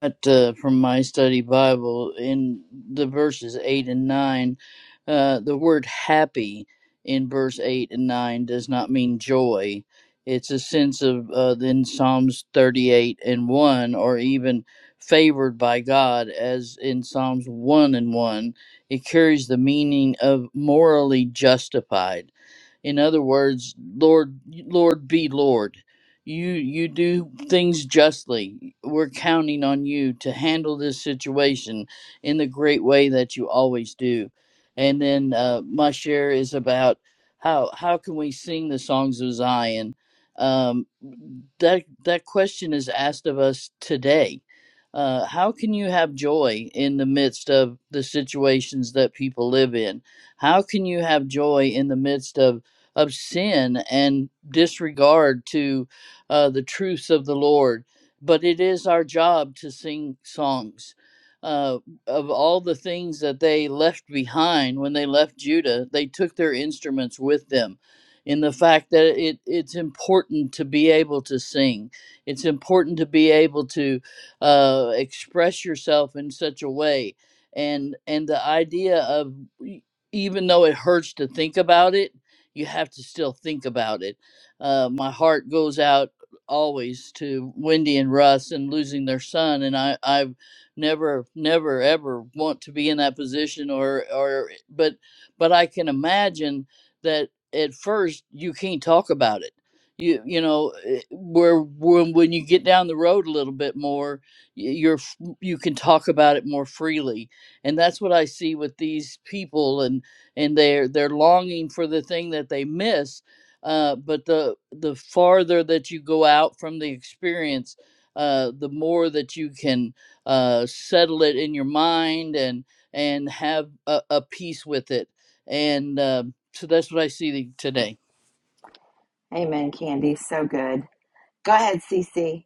But uh, from my study Bible in the verses 8 and 9. Uh, the word happy in verse 8 and 9 does not mean joy. It's a sense of uh, in Psalms 38 and 1, or even favored by God, as in Psalms 1 and 1. It carries the meaning of morally justified in other words, Lord, Lord, be Lord. You you do things justly. We're counting on you to handle this situation in the great way that you always do. And then uh, my share is about how how can we sing the songs of Zion? Um, that that question is asked of us today. Uh, how can you have joy in the midst of the situations that people live in? How can you have joy in the midst of of sin and disregard to uh, the truths of the Lord. But it is our job to sing songs. Uh, of all the things that they left behind when they left Judah, they took their instruments with them. In the fact that it, it's important to be able to sing, it's important to be able to uh, express yourself in such a way, and and the idea of e- even though it hurts to think about it, you have to still think about it. Uh, my heart goes out always to Wendy and Russ and losing their son, and I I never never ever want to be in that position or or but but I can imagine that at first you can't talk about it. You you know eh, where when when you get down the road a little bit more, y- you're f- you can talk about it more freely, and that's what I see with these people and they're they're longing for the thing that they miss. Uh, but the the farther that you go out from the experience, uh, the more that you can uh, settle it in your mind and and have a, a peace with it. And uh, so that's what I see today.
Amen, Candy. So good. Go ahead, Cece.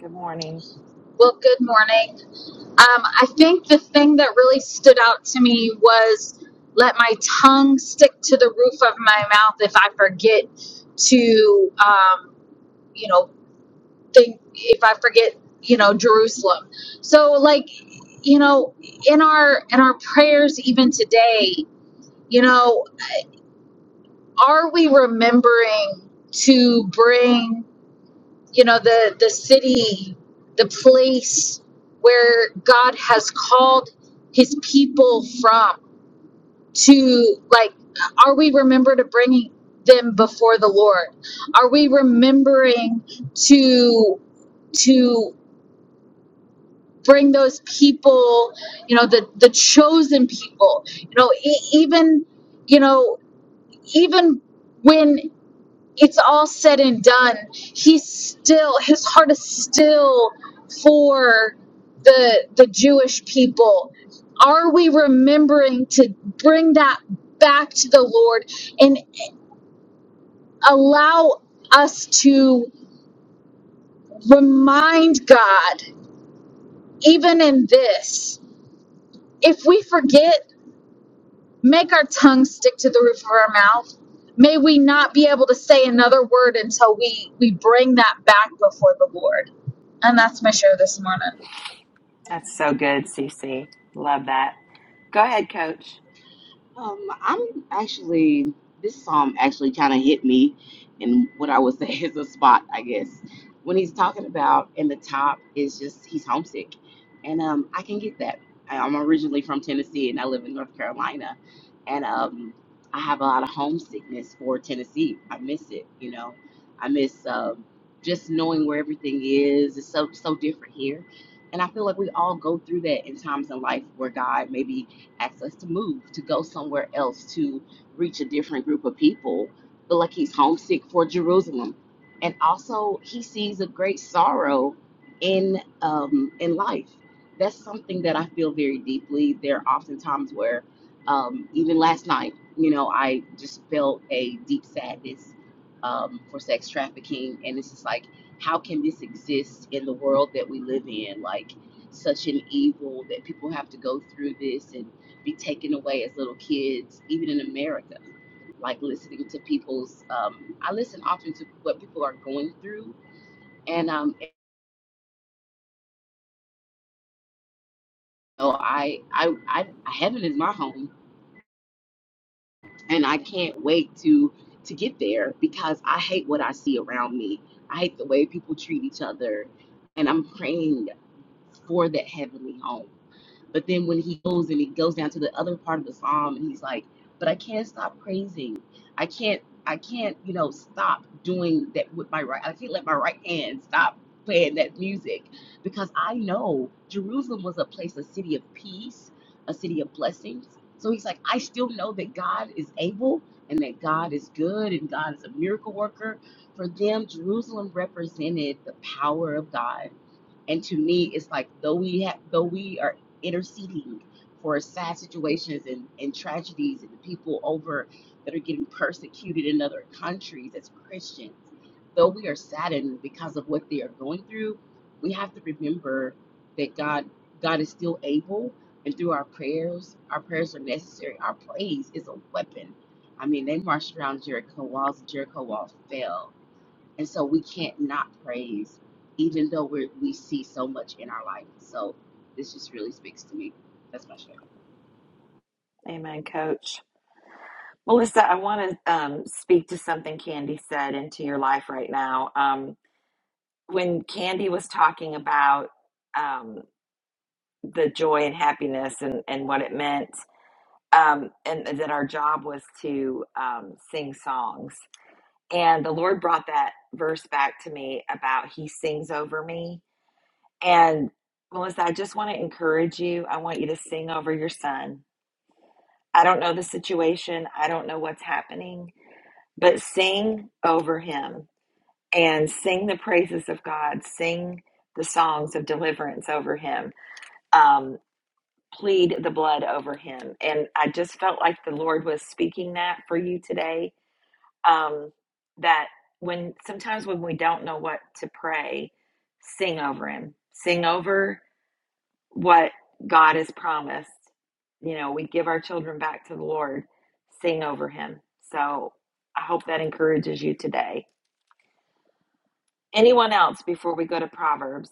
Good morning.
Well, good morning. Um, I think the thing that really stood out to me was let my tongue stick to the roof of my mouth if I forget to, um, you know, think, if I forget, you know, Jerusalem. So, like, you know, in our in our prayers even today, you know, are we remembering to bring? you know the the city the place where god has called his people from to like are we remembered to bringing them before the lord are we remembering to to bring those people you know the the chosen people you know e- even you know even when it's all said and done, he's still his heart is still for the the Jewish people. Are we remembering to bring that back to the Lord and allow us to remind God even in this? If we forget, make our tongue stick to the roof of our mouth. May we not be able to say another word until we we bring that back before the Lord And that's my show this morning.
That's so good, Cece. Love that. Go ahead, Coach.
Um, I'm actually this psalm actually kind of hit me in what I would say *laughs* is a spot, I guess. When he's talking about in the top is just he's homesick, and um, I can get that. I- I'm originally from Tennessee and I live in North Carolina, and um, I have a lot of homesickness for Tennessee. I miss it, you know. I miss um just knowing where everything is. It's so so different here, and I feel like we all go through that in times in life where God maybe access to move, to go somewhere else, to reach a different group of people. But like he's homesick for Jerusalem, and also he sees a great sorrow in um, in life. That's something that I feel very deeply. There are often times where, um, even last night, you know, I just felt a deep sadness um, for sex trafficking, and it's just like, how can this exist in the world that we live in? Like such an evil that people have to go through this and be taken away as little kids, even in America. Like listening to people's, um, I listen often to what people are going through, and um, you know, I, I, I, heaven is my home, and I can't wait to to get there because I hate what I see around me. I hate the way people treat each other, and I'm praying for that heavenly home. But then when he goes and he goes down to the other part of the psalm and he's like, but I can't stop praising. I can't, I can't, you know, stop doing that with my right. I can't let my right hand stop playing that music because I know Jerusalem was a place, a city of peace, a city of blessings. So he's like, I still know that God is able and that God is good and God is a miracle worker. For them, Jerusalem represented the power of God and to me, it's like though we have, though we are interceding for sad situations and, and tragedies and the people over that are getting persecuted in other countries as Christians, though we are saddened because of what they are going through, we have to remember that God God is still able, and through our prayers, our prayers are necessary. Our praise is a weapon. I mean, they marched around Jericho walls, Jericho walls fell and so we can't not praise, even though we we see so much in our life. So this just really speaks to me. That's my share.
Amen, Coach. Melissa, I want to um, speak to something Candy said into your life right now. Um, when Candy was talking about um, the joy and happiness and, and what it meant. Um, and that our job was to um, sing songs. And the Lord brought that verse back to me about He sings over me. And Melissa, I just want to encourage you. I want you to sing over your son. I don't know the situation, I don't know what's happening, but sing over him and sing the praises of God, sing the songs of deliverance over him. Um, plead the blood over him. And I just felt like the Lord was speaking that for you today. Um, that when sometimes when we don't know what to pray, sing over him, sing over what God has promised. You know, we give our children back to the Lord, sing over him. So I hope that encourages you today. Anyone else before we go to Proverbs?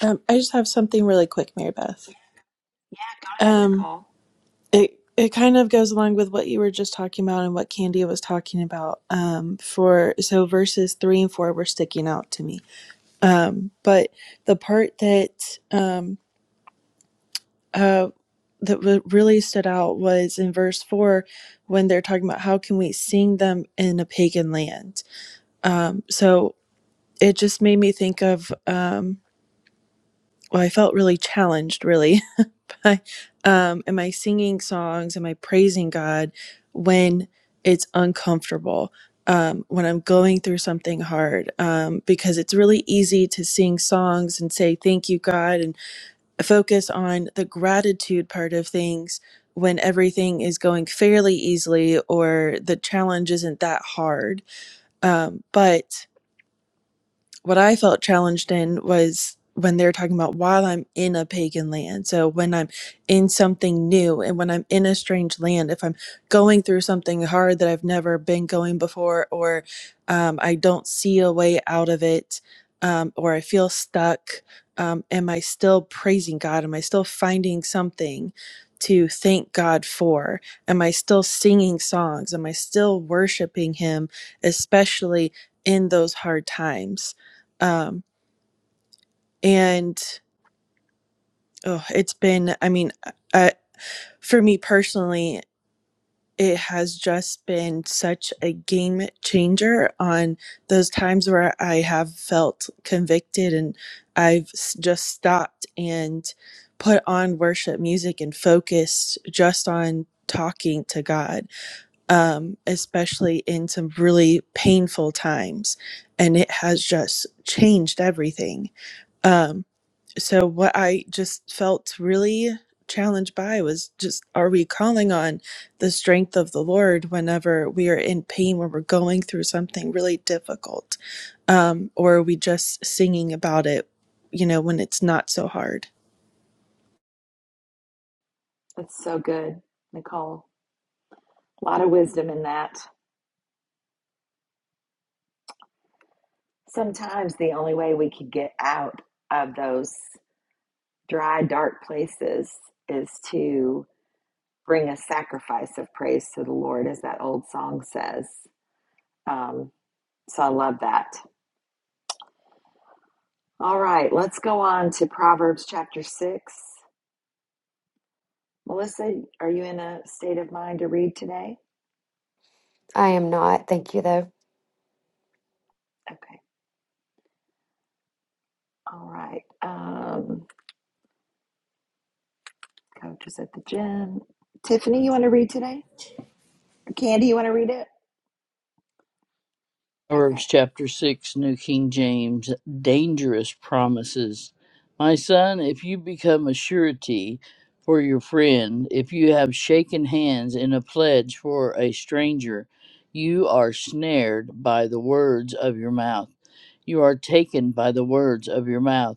Um, I just have something really quick, Mary Beth.
Yeah, go ahead,
Um,
Nicole.
it it kind of goes along with what you were just talking about and what Candy was talking about. Um, for so verses three and four were sticking out to me. Um, but the part that um uh that wa- really stood out was in verse four when they're talking about how can we sing them in a pagan land. Um, so it just made me think of um. Well, I felt really challenged, really, *laughs* Hi. Um, am I singing songs? Am I praising God when it's uncomfortable? Um, when I'm going through something hard, um, because it's really easy to sing songs and say, Thank you, God, and focus on the gratitude part of things when everything is going fairly easily or the challenge isn't that hard. Um, but what I felt challenged in was when they are talking about while I'm in a pagan land. So when I'm in something new and when I'm in a strange land, if I'm going through something hard that I've never been going before, or um, I don't see a way out of it, um, or I feel stuck, um, am I still praising God? Am I still finding something? To thank God for? Am I still singing songs? Am I still worshiping Him, especially in those hard times? um, and oh, it's been i mean uh, for me personally it has just been such a game changer on those times where i have felt convicted and i've s- just stopped and put on worship music and focused just on talking to god um, especially in some really painful times and it has just changed everything Um, so what i just felt really challenged by was just are we calling on the strength of the lord whenever we are in pain when we're going through something really difficult um, or are we just singing about it you know when it's not so hard
That's so good, Nicole. A lot of wisdom in that. Sometimes the only way we can get out of those dry, dark places is to bring a sacrifice of praise to the Lord, as that old song says. Um, so I love that. All right, let's go on to Proverbs chapter 6. Melissa, are you in a state of mind to read today?
I am not. Thank you, though.
Okay, all right. Um, coach is at the gym. Tiffany, you want to read today? Or Candy, you want to read it? Okay.
Proverbs chapter 6, New King James, dangerous promises. My son, if you become a surety for your friend, if you have shaken hands in a pledge for a stranger, you are snared by the words of your mouth. You are taken by the words of your mouth.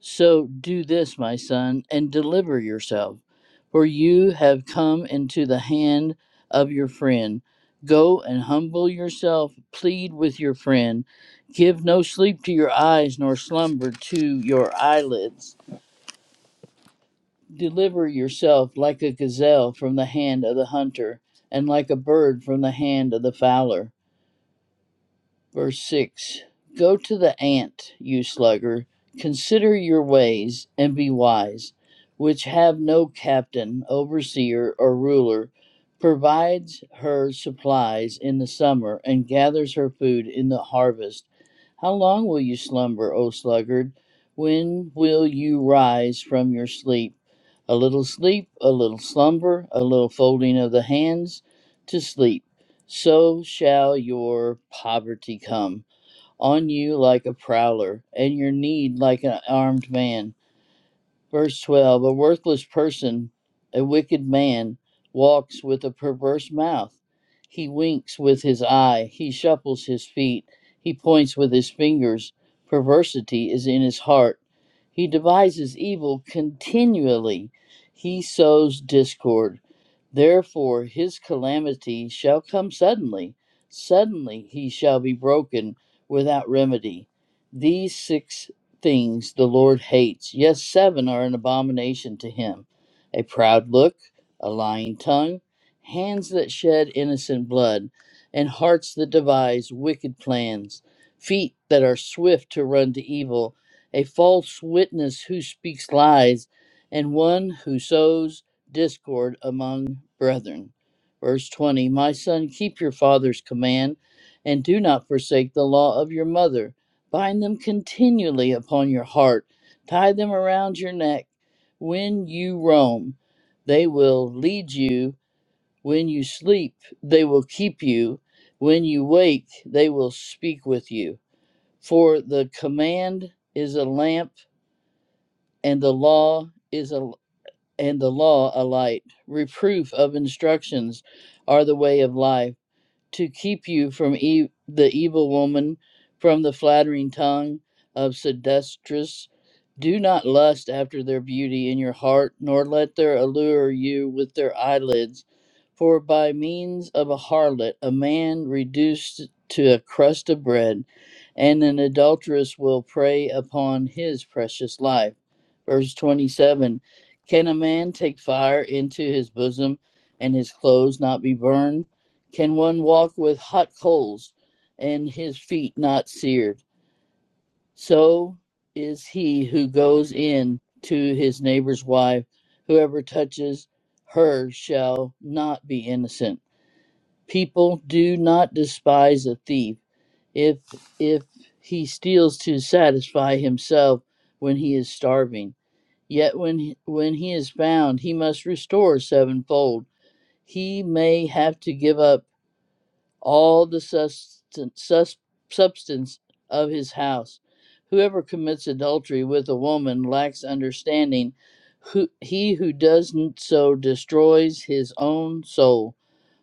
So do this, my son, and deliver yourself, for you have come into the hand of your friend. Go and humble yourself, plead with your friend. Give no sleep to your eyes, nor slumber to your eyelids. Deliver yourself like a gazelle from the hand of the hunter, and like a bird from the hand of the fowler. Verse 6 Go to the ant, you sluggard, consider your ways, and be wise, which have no captain, overseer, or ruler, provides her supplies in the summer, and gathers her food in the harvest. How long will you slumber, O sluggard? When will you rise from your sleep? A little sleep, a little slumber, a little folding of the hands to sleep. So shall your poverty come on you like a prowler, and your need like an armed man. Verse 12 A worthless person, a wicked man, walks with a perverse mouth. He winks with his eye, he shuffles his feet, he points with his fingers. Perversity is in his heart. He devises evil continually, he sows discord. Therefore his calamity shall come suddenly. Suddenly he shall be broken without remedy. These six things the Lord hates. Yes, seven are an abomination to him a proud look, a lying tongue, hands that shed innocent blood, and hearts that devise wicked plans, feet that are swift to run to evil, a false witness who speaks lies, and one who sows discord among brethren. Verse 20 My son, keep your father's command, and do not forsake the law of your mother Bind them continually upon your heart, tie them around your neck when you roam. They will lead you when you sleep, they will keep you. When you wake, they will speak with you. For the command is a lamp, and the law is a and the law a light. Reproof of instructions are the way of life to keep you from e- the evil woman, from the flattering tongue of seductress. Do not lust after their beauty in your heart, nor let their allure you with their eyelids. For by means of a harlot, a man reduced to a crust of bread, and an adulteress will prey upon his precious life. Verse 27 Can a man take fire into his bosom and his clothes not be burned? Can one walk with hot coals and his feet not seared? So is he who goes in to his neighbor's wife. Whoever touches her shall not be innocent. People do not despise a thief if if he steals to satisfy himself when he is starving. Yet when he, when he is found, he must restore sevenfold. He may have to give up all the susten- substance of his house. Whoever commits adultery with a woman lacks understanding. Who, he who does n- so destroys his own soul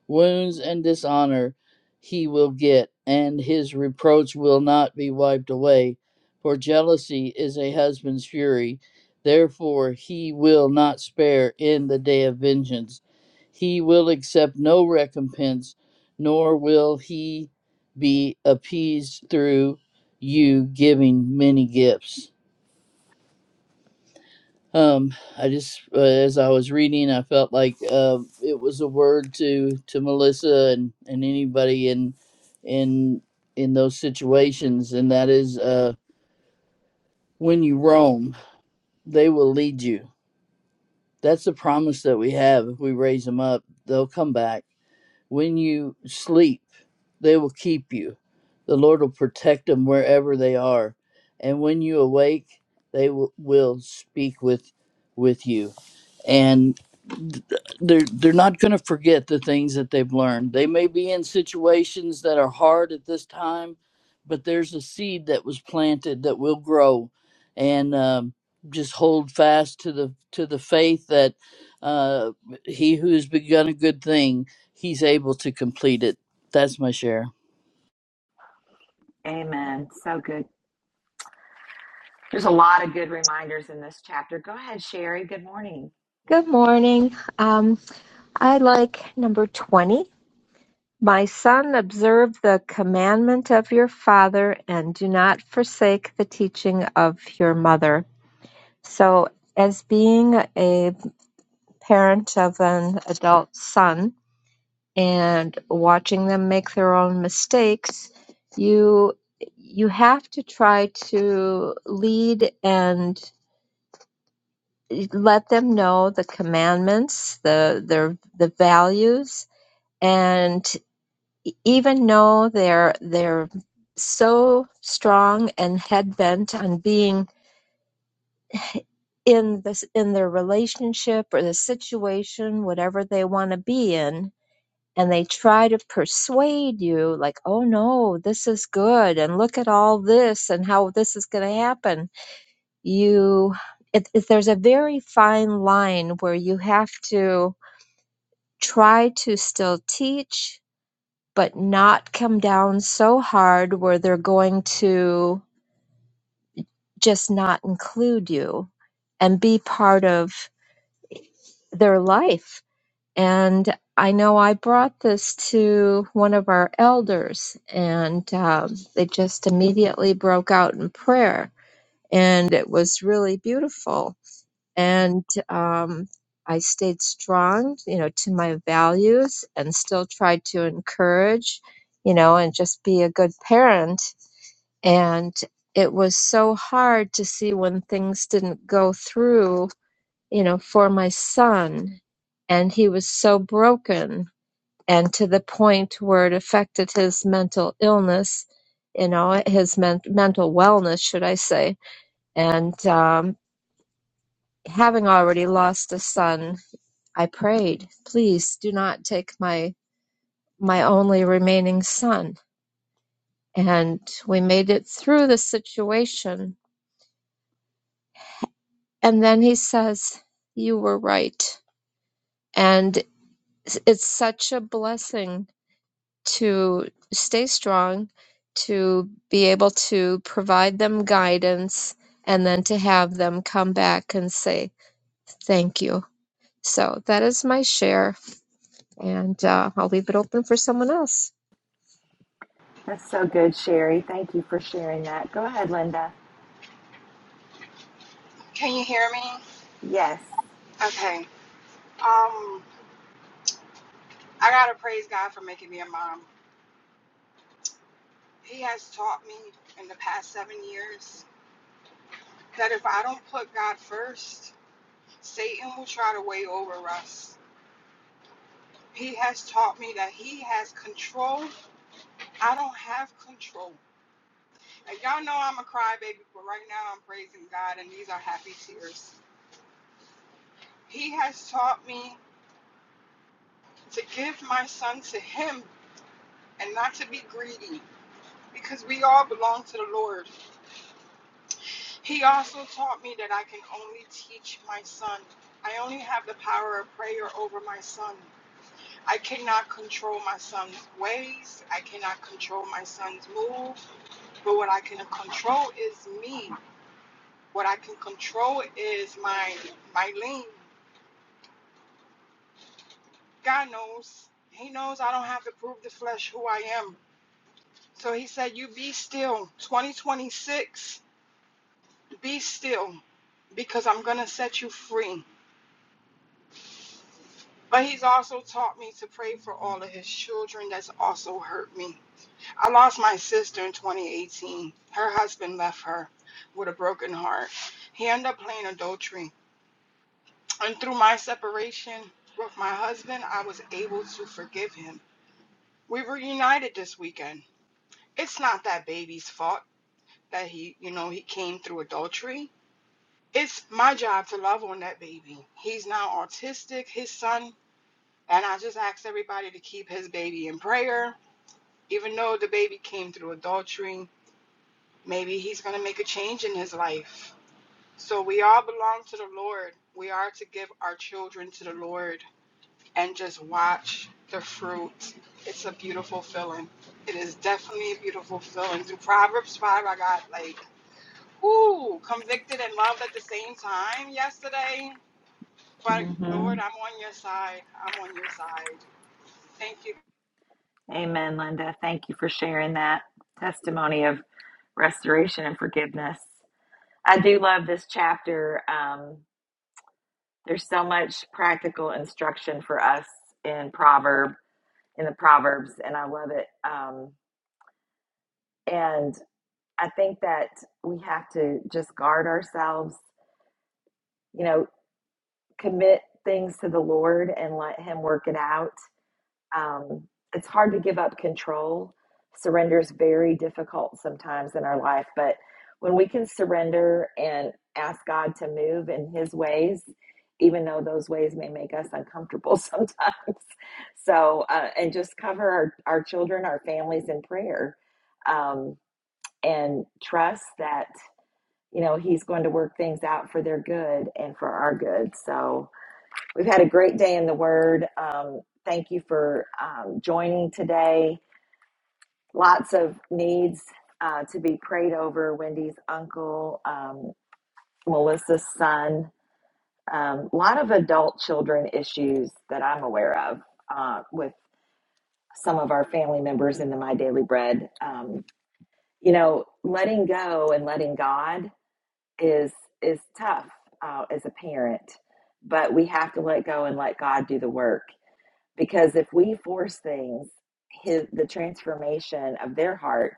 wounds and dishonor he will get, and his reproach will not be wiped away. For jealousy is a husband's fury, therefore he will not spare in the day of vengeance. He will accept no recompense, nor will he be appeased through you giving many gifts um i just uh, as i was reading i felt like uh it was a word to to melissa and and anybody in in in those situations and that is uh when you roam they will lead you that's the promise that we have if we raise them up they'll come back When you sleep, they will keep you. The Lord will protect them wherever they are. And when you awake, they will, will speak with with you. And th- they're they're not going to forget the things that they've learned. They may be in situations that are hard at this time, but there's a seed that was planted that will grow. And um, just hold fast to the to the faith that uh, he who has begun a good thing he's able to complete it. That's my share.
Amen. So good, There's a lot of good reminders in this chapter. Go ahead, Sherry. Good morning.
Good morning. Um, I like number 20. My son, observe the commandment of your father and do not forsake the teaching of your mother. So, as being a parent of an adult son and watching them make their own mistakes, you you have to try to lead and let them know the commandments, the their the values, and even though they're they're so strong and head bent on being in this in their relationship or the situation whatever they want to be in and they try to persuade you like oh no this is good and look at all this and how this is going to happen you it, it, there's a very fine line where you have to try to still teach but not come down so hard where they're going to just not include you and be part of their life. And I know I brought this to one of our elders, and um, they just immediately broke out in prayer. And it was really beautiful. And um, I stayed strong, you know, to my values and still tried to encourage, you know, and just be a good parent and it was so hard to see when things didn't go through you know for my son and he was so broken and to the point where it affected his mental illness you know his men- mental wellness should i say and um, having already lost a son i prayed please do not take my my only remaining son and we made it through the situation And then he says, You were right. And it's such a blessing to stay strong, to be able to provide them guidance, and then to have them come back and say, Thank you. So that is my share. And uh, I'll leave it open for someone else.
That's so good, Sherry. Thank you for sharing that. Go ahead, Linda.
Can you hear me?
Yes.
Okay. Um, I gotta praise God for making me a mom. He has taught me in the past seven years that if I don't put God first, Satan will try to weigh over us. He has taught me that he has control. I don't have control. And y'all know I'm a crybaby, but right now I'm praising God, and these are happy tears. He has taught me to give my son to him and not to be greedy because we all belong to the Lord. He also taught me that I can only teach my son. I only have the power of prayer over my son. I cannot control my son's ways. I cannot control my son's move. But what I can control is me. What I can control is my my lean. God knows. He knows I don't have to prove the flesh who I am. So he said, "You be still. 2026, be still, because I'm gonna set you free." But he's also taught me to pray for all of his children that's also hurt me. I lost my sister in 2018. Her husband left her with a broken heart. He ended up playing adultery. And through my separation with my husband, I was able to forgive him. We were united this weekend. It's not that baby's fault that he, you know, he came through adultery. It's my job to love on that baby. He's now autistic, his son, and I just asked everybody to keep his baby in prayer. Even though the baby came through adultery, maybe he's going to make a change in his life. So we all belong to the Lord. We are to give our children to the Lord and just watch the fruit. It's a beautiful feeling. It is definitely a beautiful feeling. Through Proverbs 5, I got like, ooh, convicted and loved at the same time yesterday. But
hmm
Lord, I'm on your side. I'm on your side. Thank you.
Amen, Linda. Thank you for sharing that testimony of restoration and forgiveness. I do love this chapter. Um, there's so much practical instruction for us in proverb in the proverbs, and I love it. Um, and I think that we have to just guard ourselves. You know, commit things to the Lord and let Him work it out. Um, it's hard to give up control. Surrender is very difficult sometimes in our life, but when we can surrender and ask God to move in His ways, even though those ways may make us uncomfortable sometimes. *laughs* So, uh, and just cover our, our children, our families in prayer um, and trust that, you know, He's going to work things out for their good and for our good. So, We've had a great day in the Word. Um, thank you for um, joining today. Lots of needs uh, to be prayed over. Wendy's uncle, um, Melissa's son, a lot of adult children issues that I'm aware of uh, with some of our family members in the My Daily Bread. Um, you know, letting go and letting God is is tough uh, as a parent, but we have to let go and let God do the work because if we force things his the transformation of their heart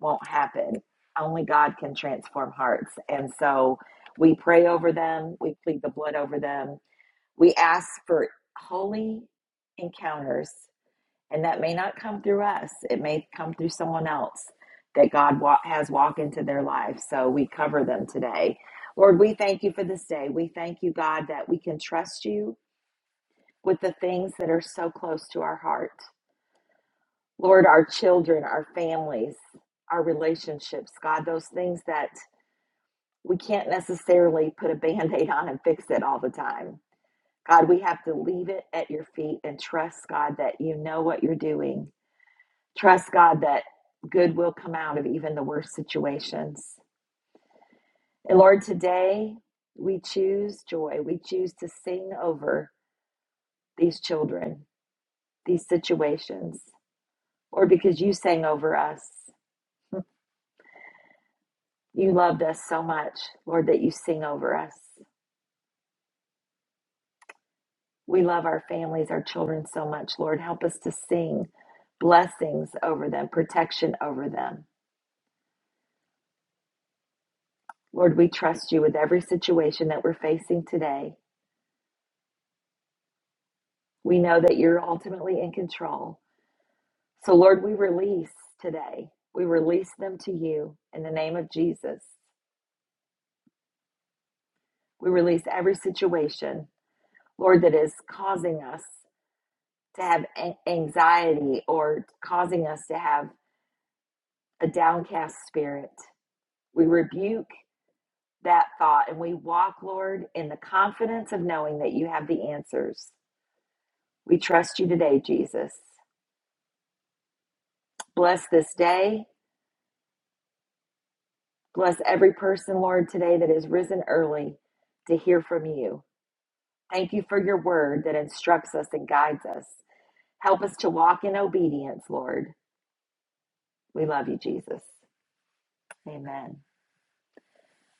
won't happen only god can transform hearts and so we pray over them we plead the blood over them we ask for holy encounters and that may not come through us it may come through someone else that god wa- has walked into their life so we cover them today lord we thank you for this day we thank you god that we can trust you with the things that are so close to our heart. Lord, our children, our families, our relationships, God, those things that we can't necessarily put a band aid on and fix it all the time. God, we have to leave it at your feet and trust, God, that you know what you're doing. Trust, God, that good will come out of even the worst situations. And Lord, today we choose joy. We choose to sing over these children, these situations. Lord, because you sang over us. You loved us so much, Lord, that you sing over us. We love our families, our children so much, Lord. Help us to sing blessings over them, protection over them. Lord, we trust you with every situation that we're facing today. We know that you're ultimately in control. So, Lord, we release today. We release them to you in the name of Jesus. We release every situation, Lord, that is causing us to have a- anxiety or causing us to have a downcast spirit. We rebuke that thought and we walk, Lord, in the confidence of knowing that you have the answers. We trust you today, Jesus. Bless this day. Bless every person, Lord, today that has risen early to hear from you. Thank you for your word that instructs us and guides us. Help us to walk in obedience, Lord. We love you, Jesus. Amen.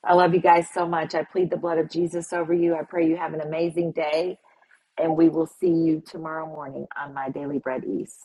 I love you guys so much. I plead the blood of Jesus over you. I pray you have an amazing day, and we will see you tomorrow morning on My Daily Bread East.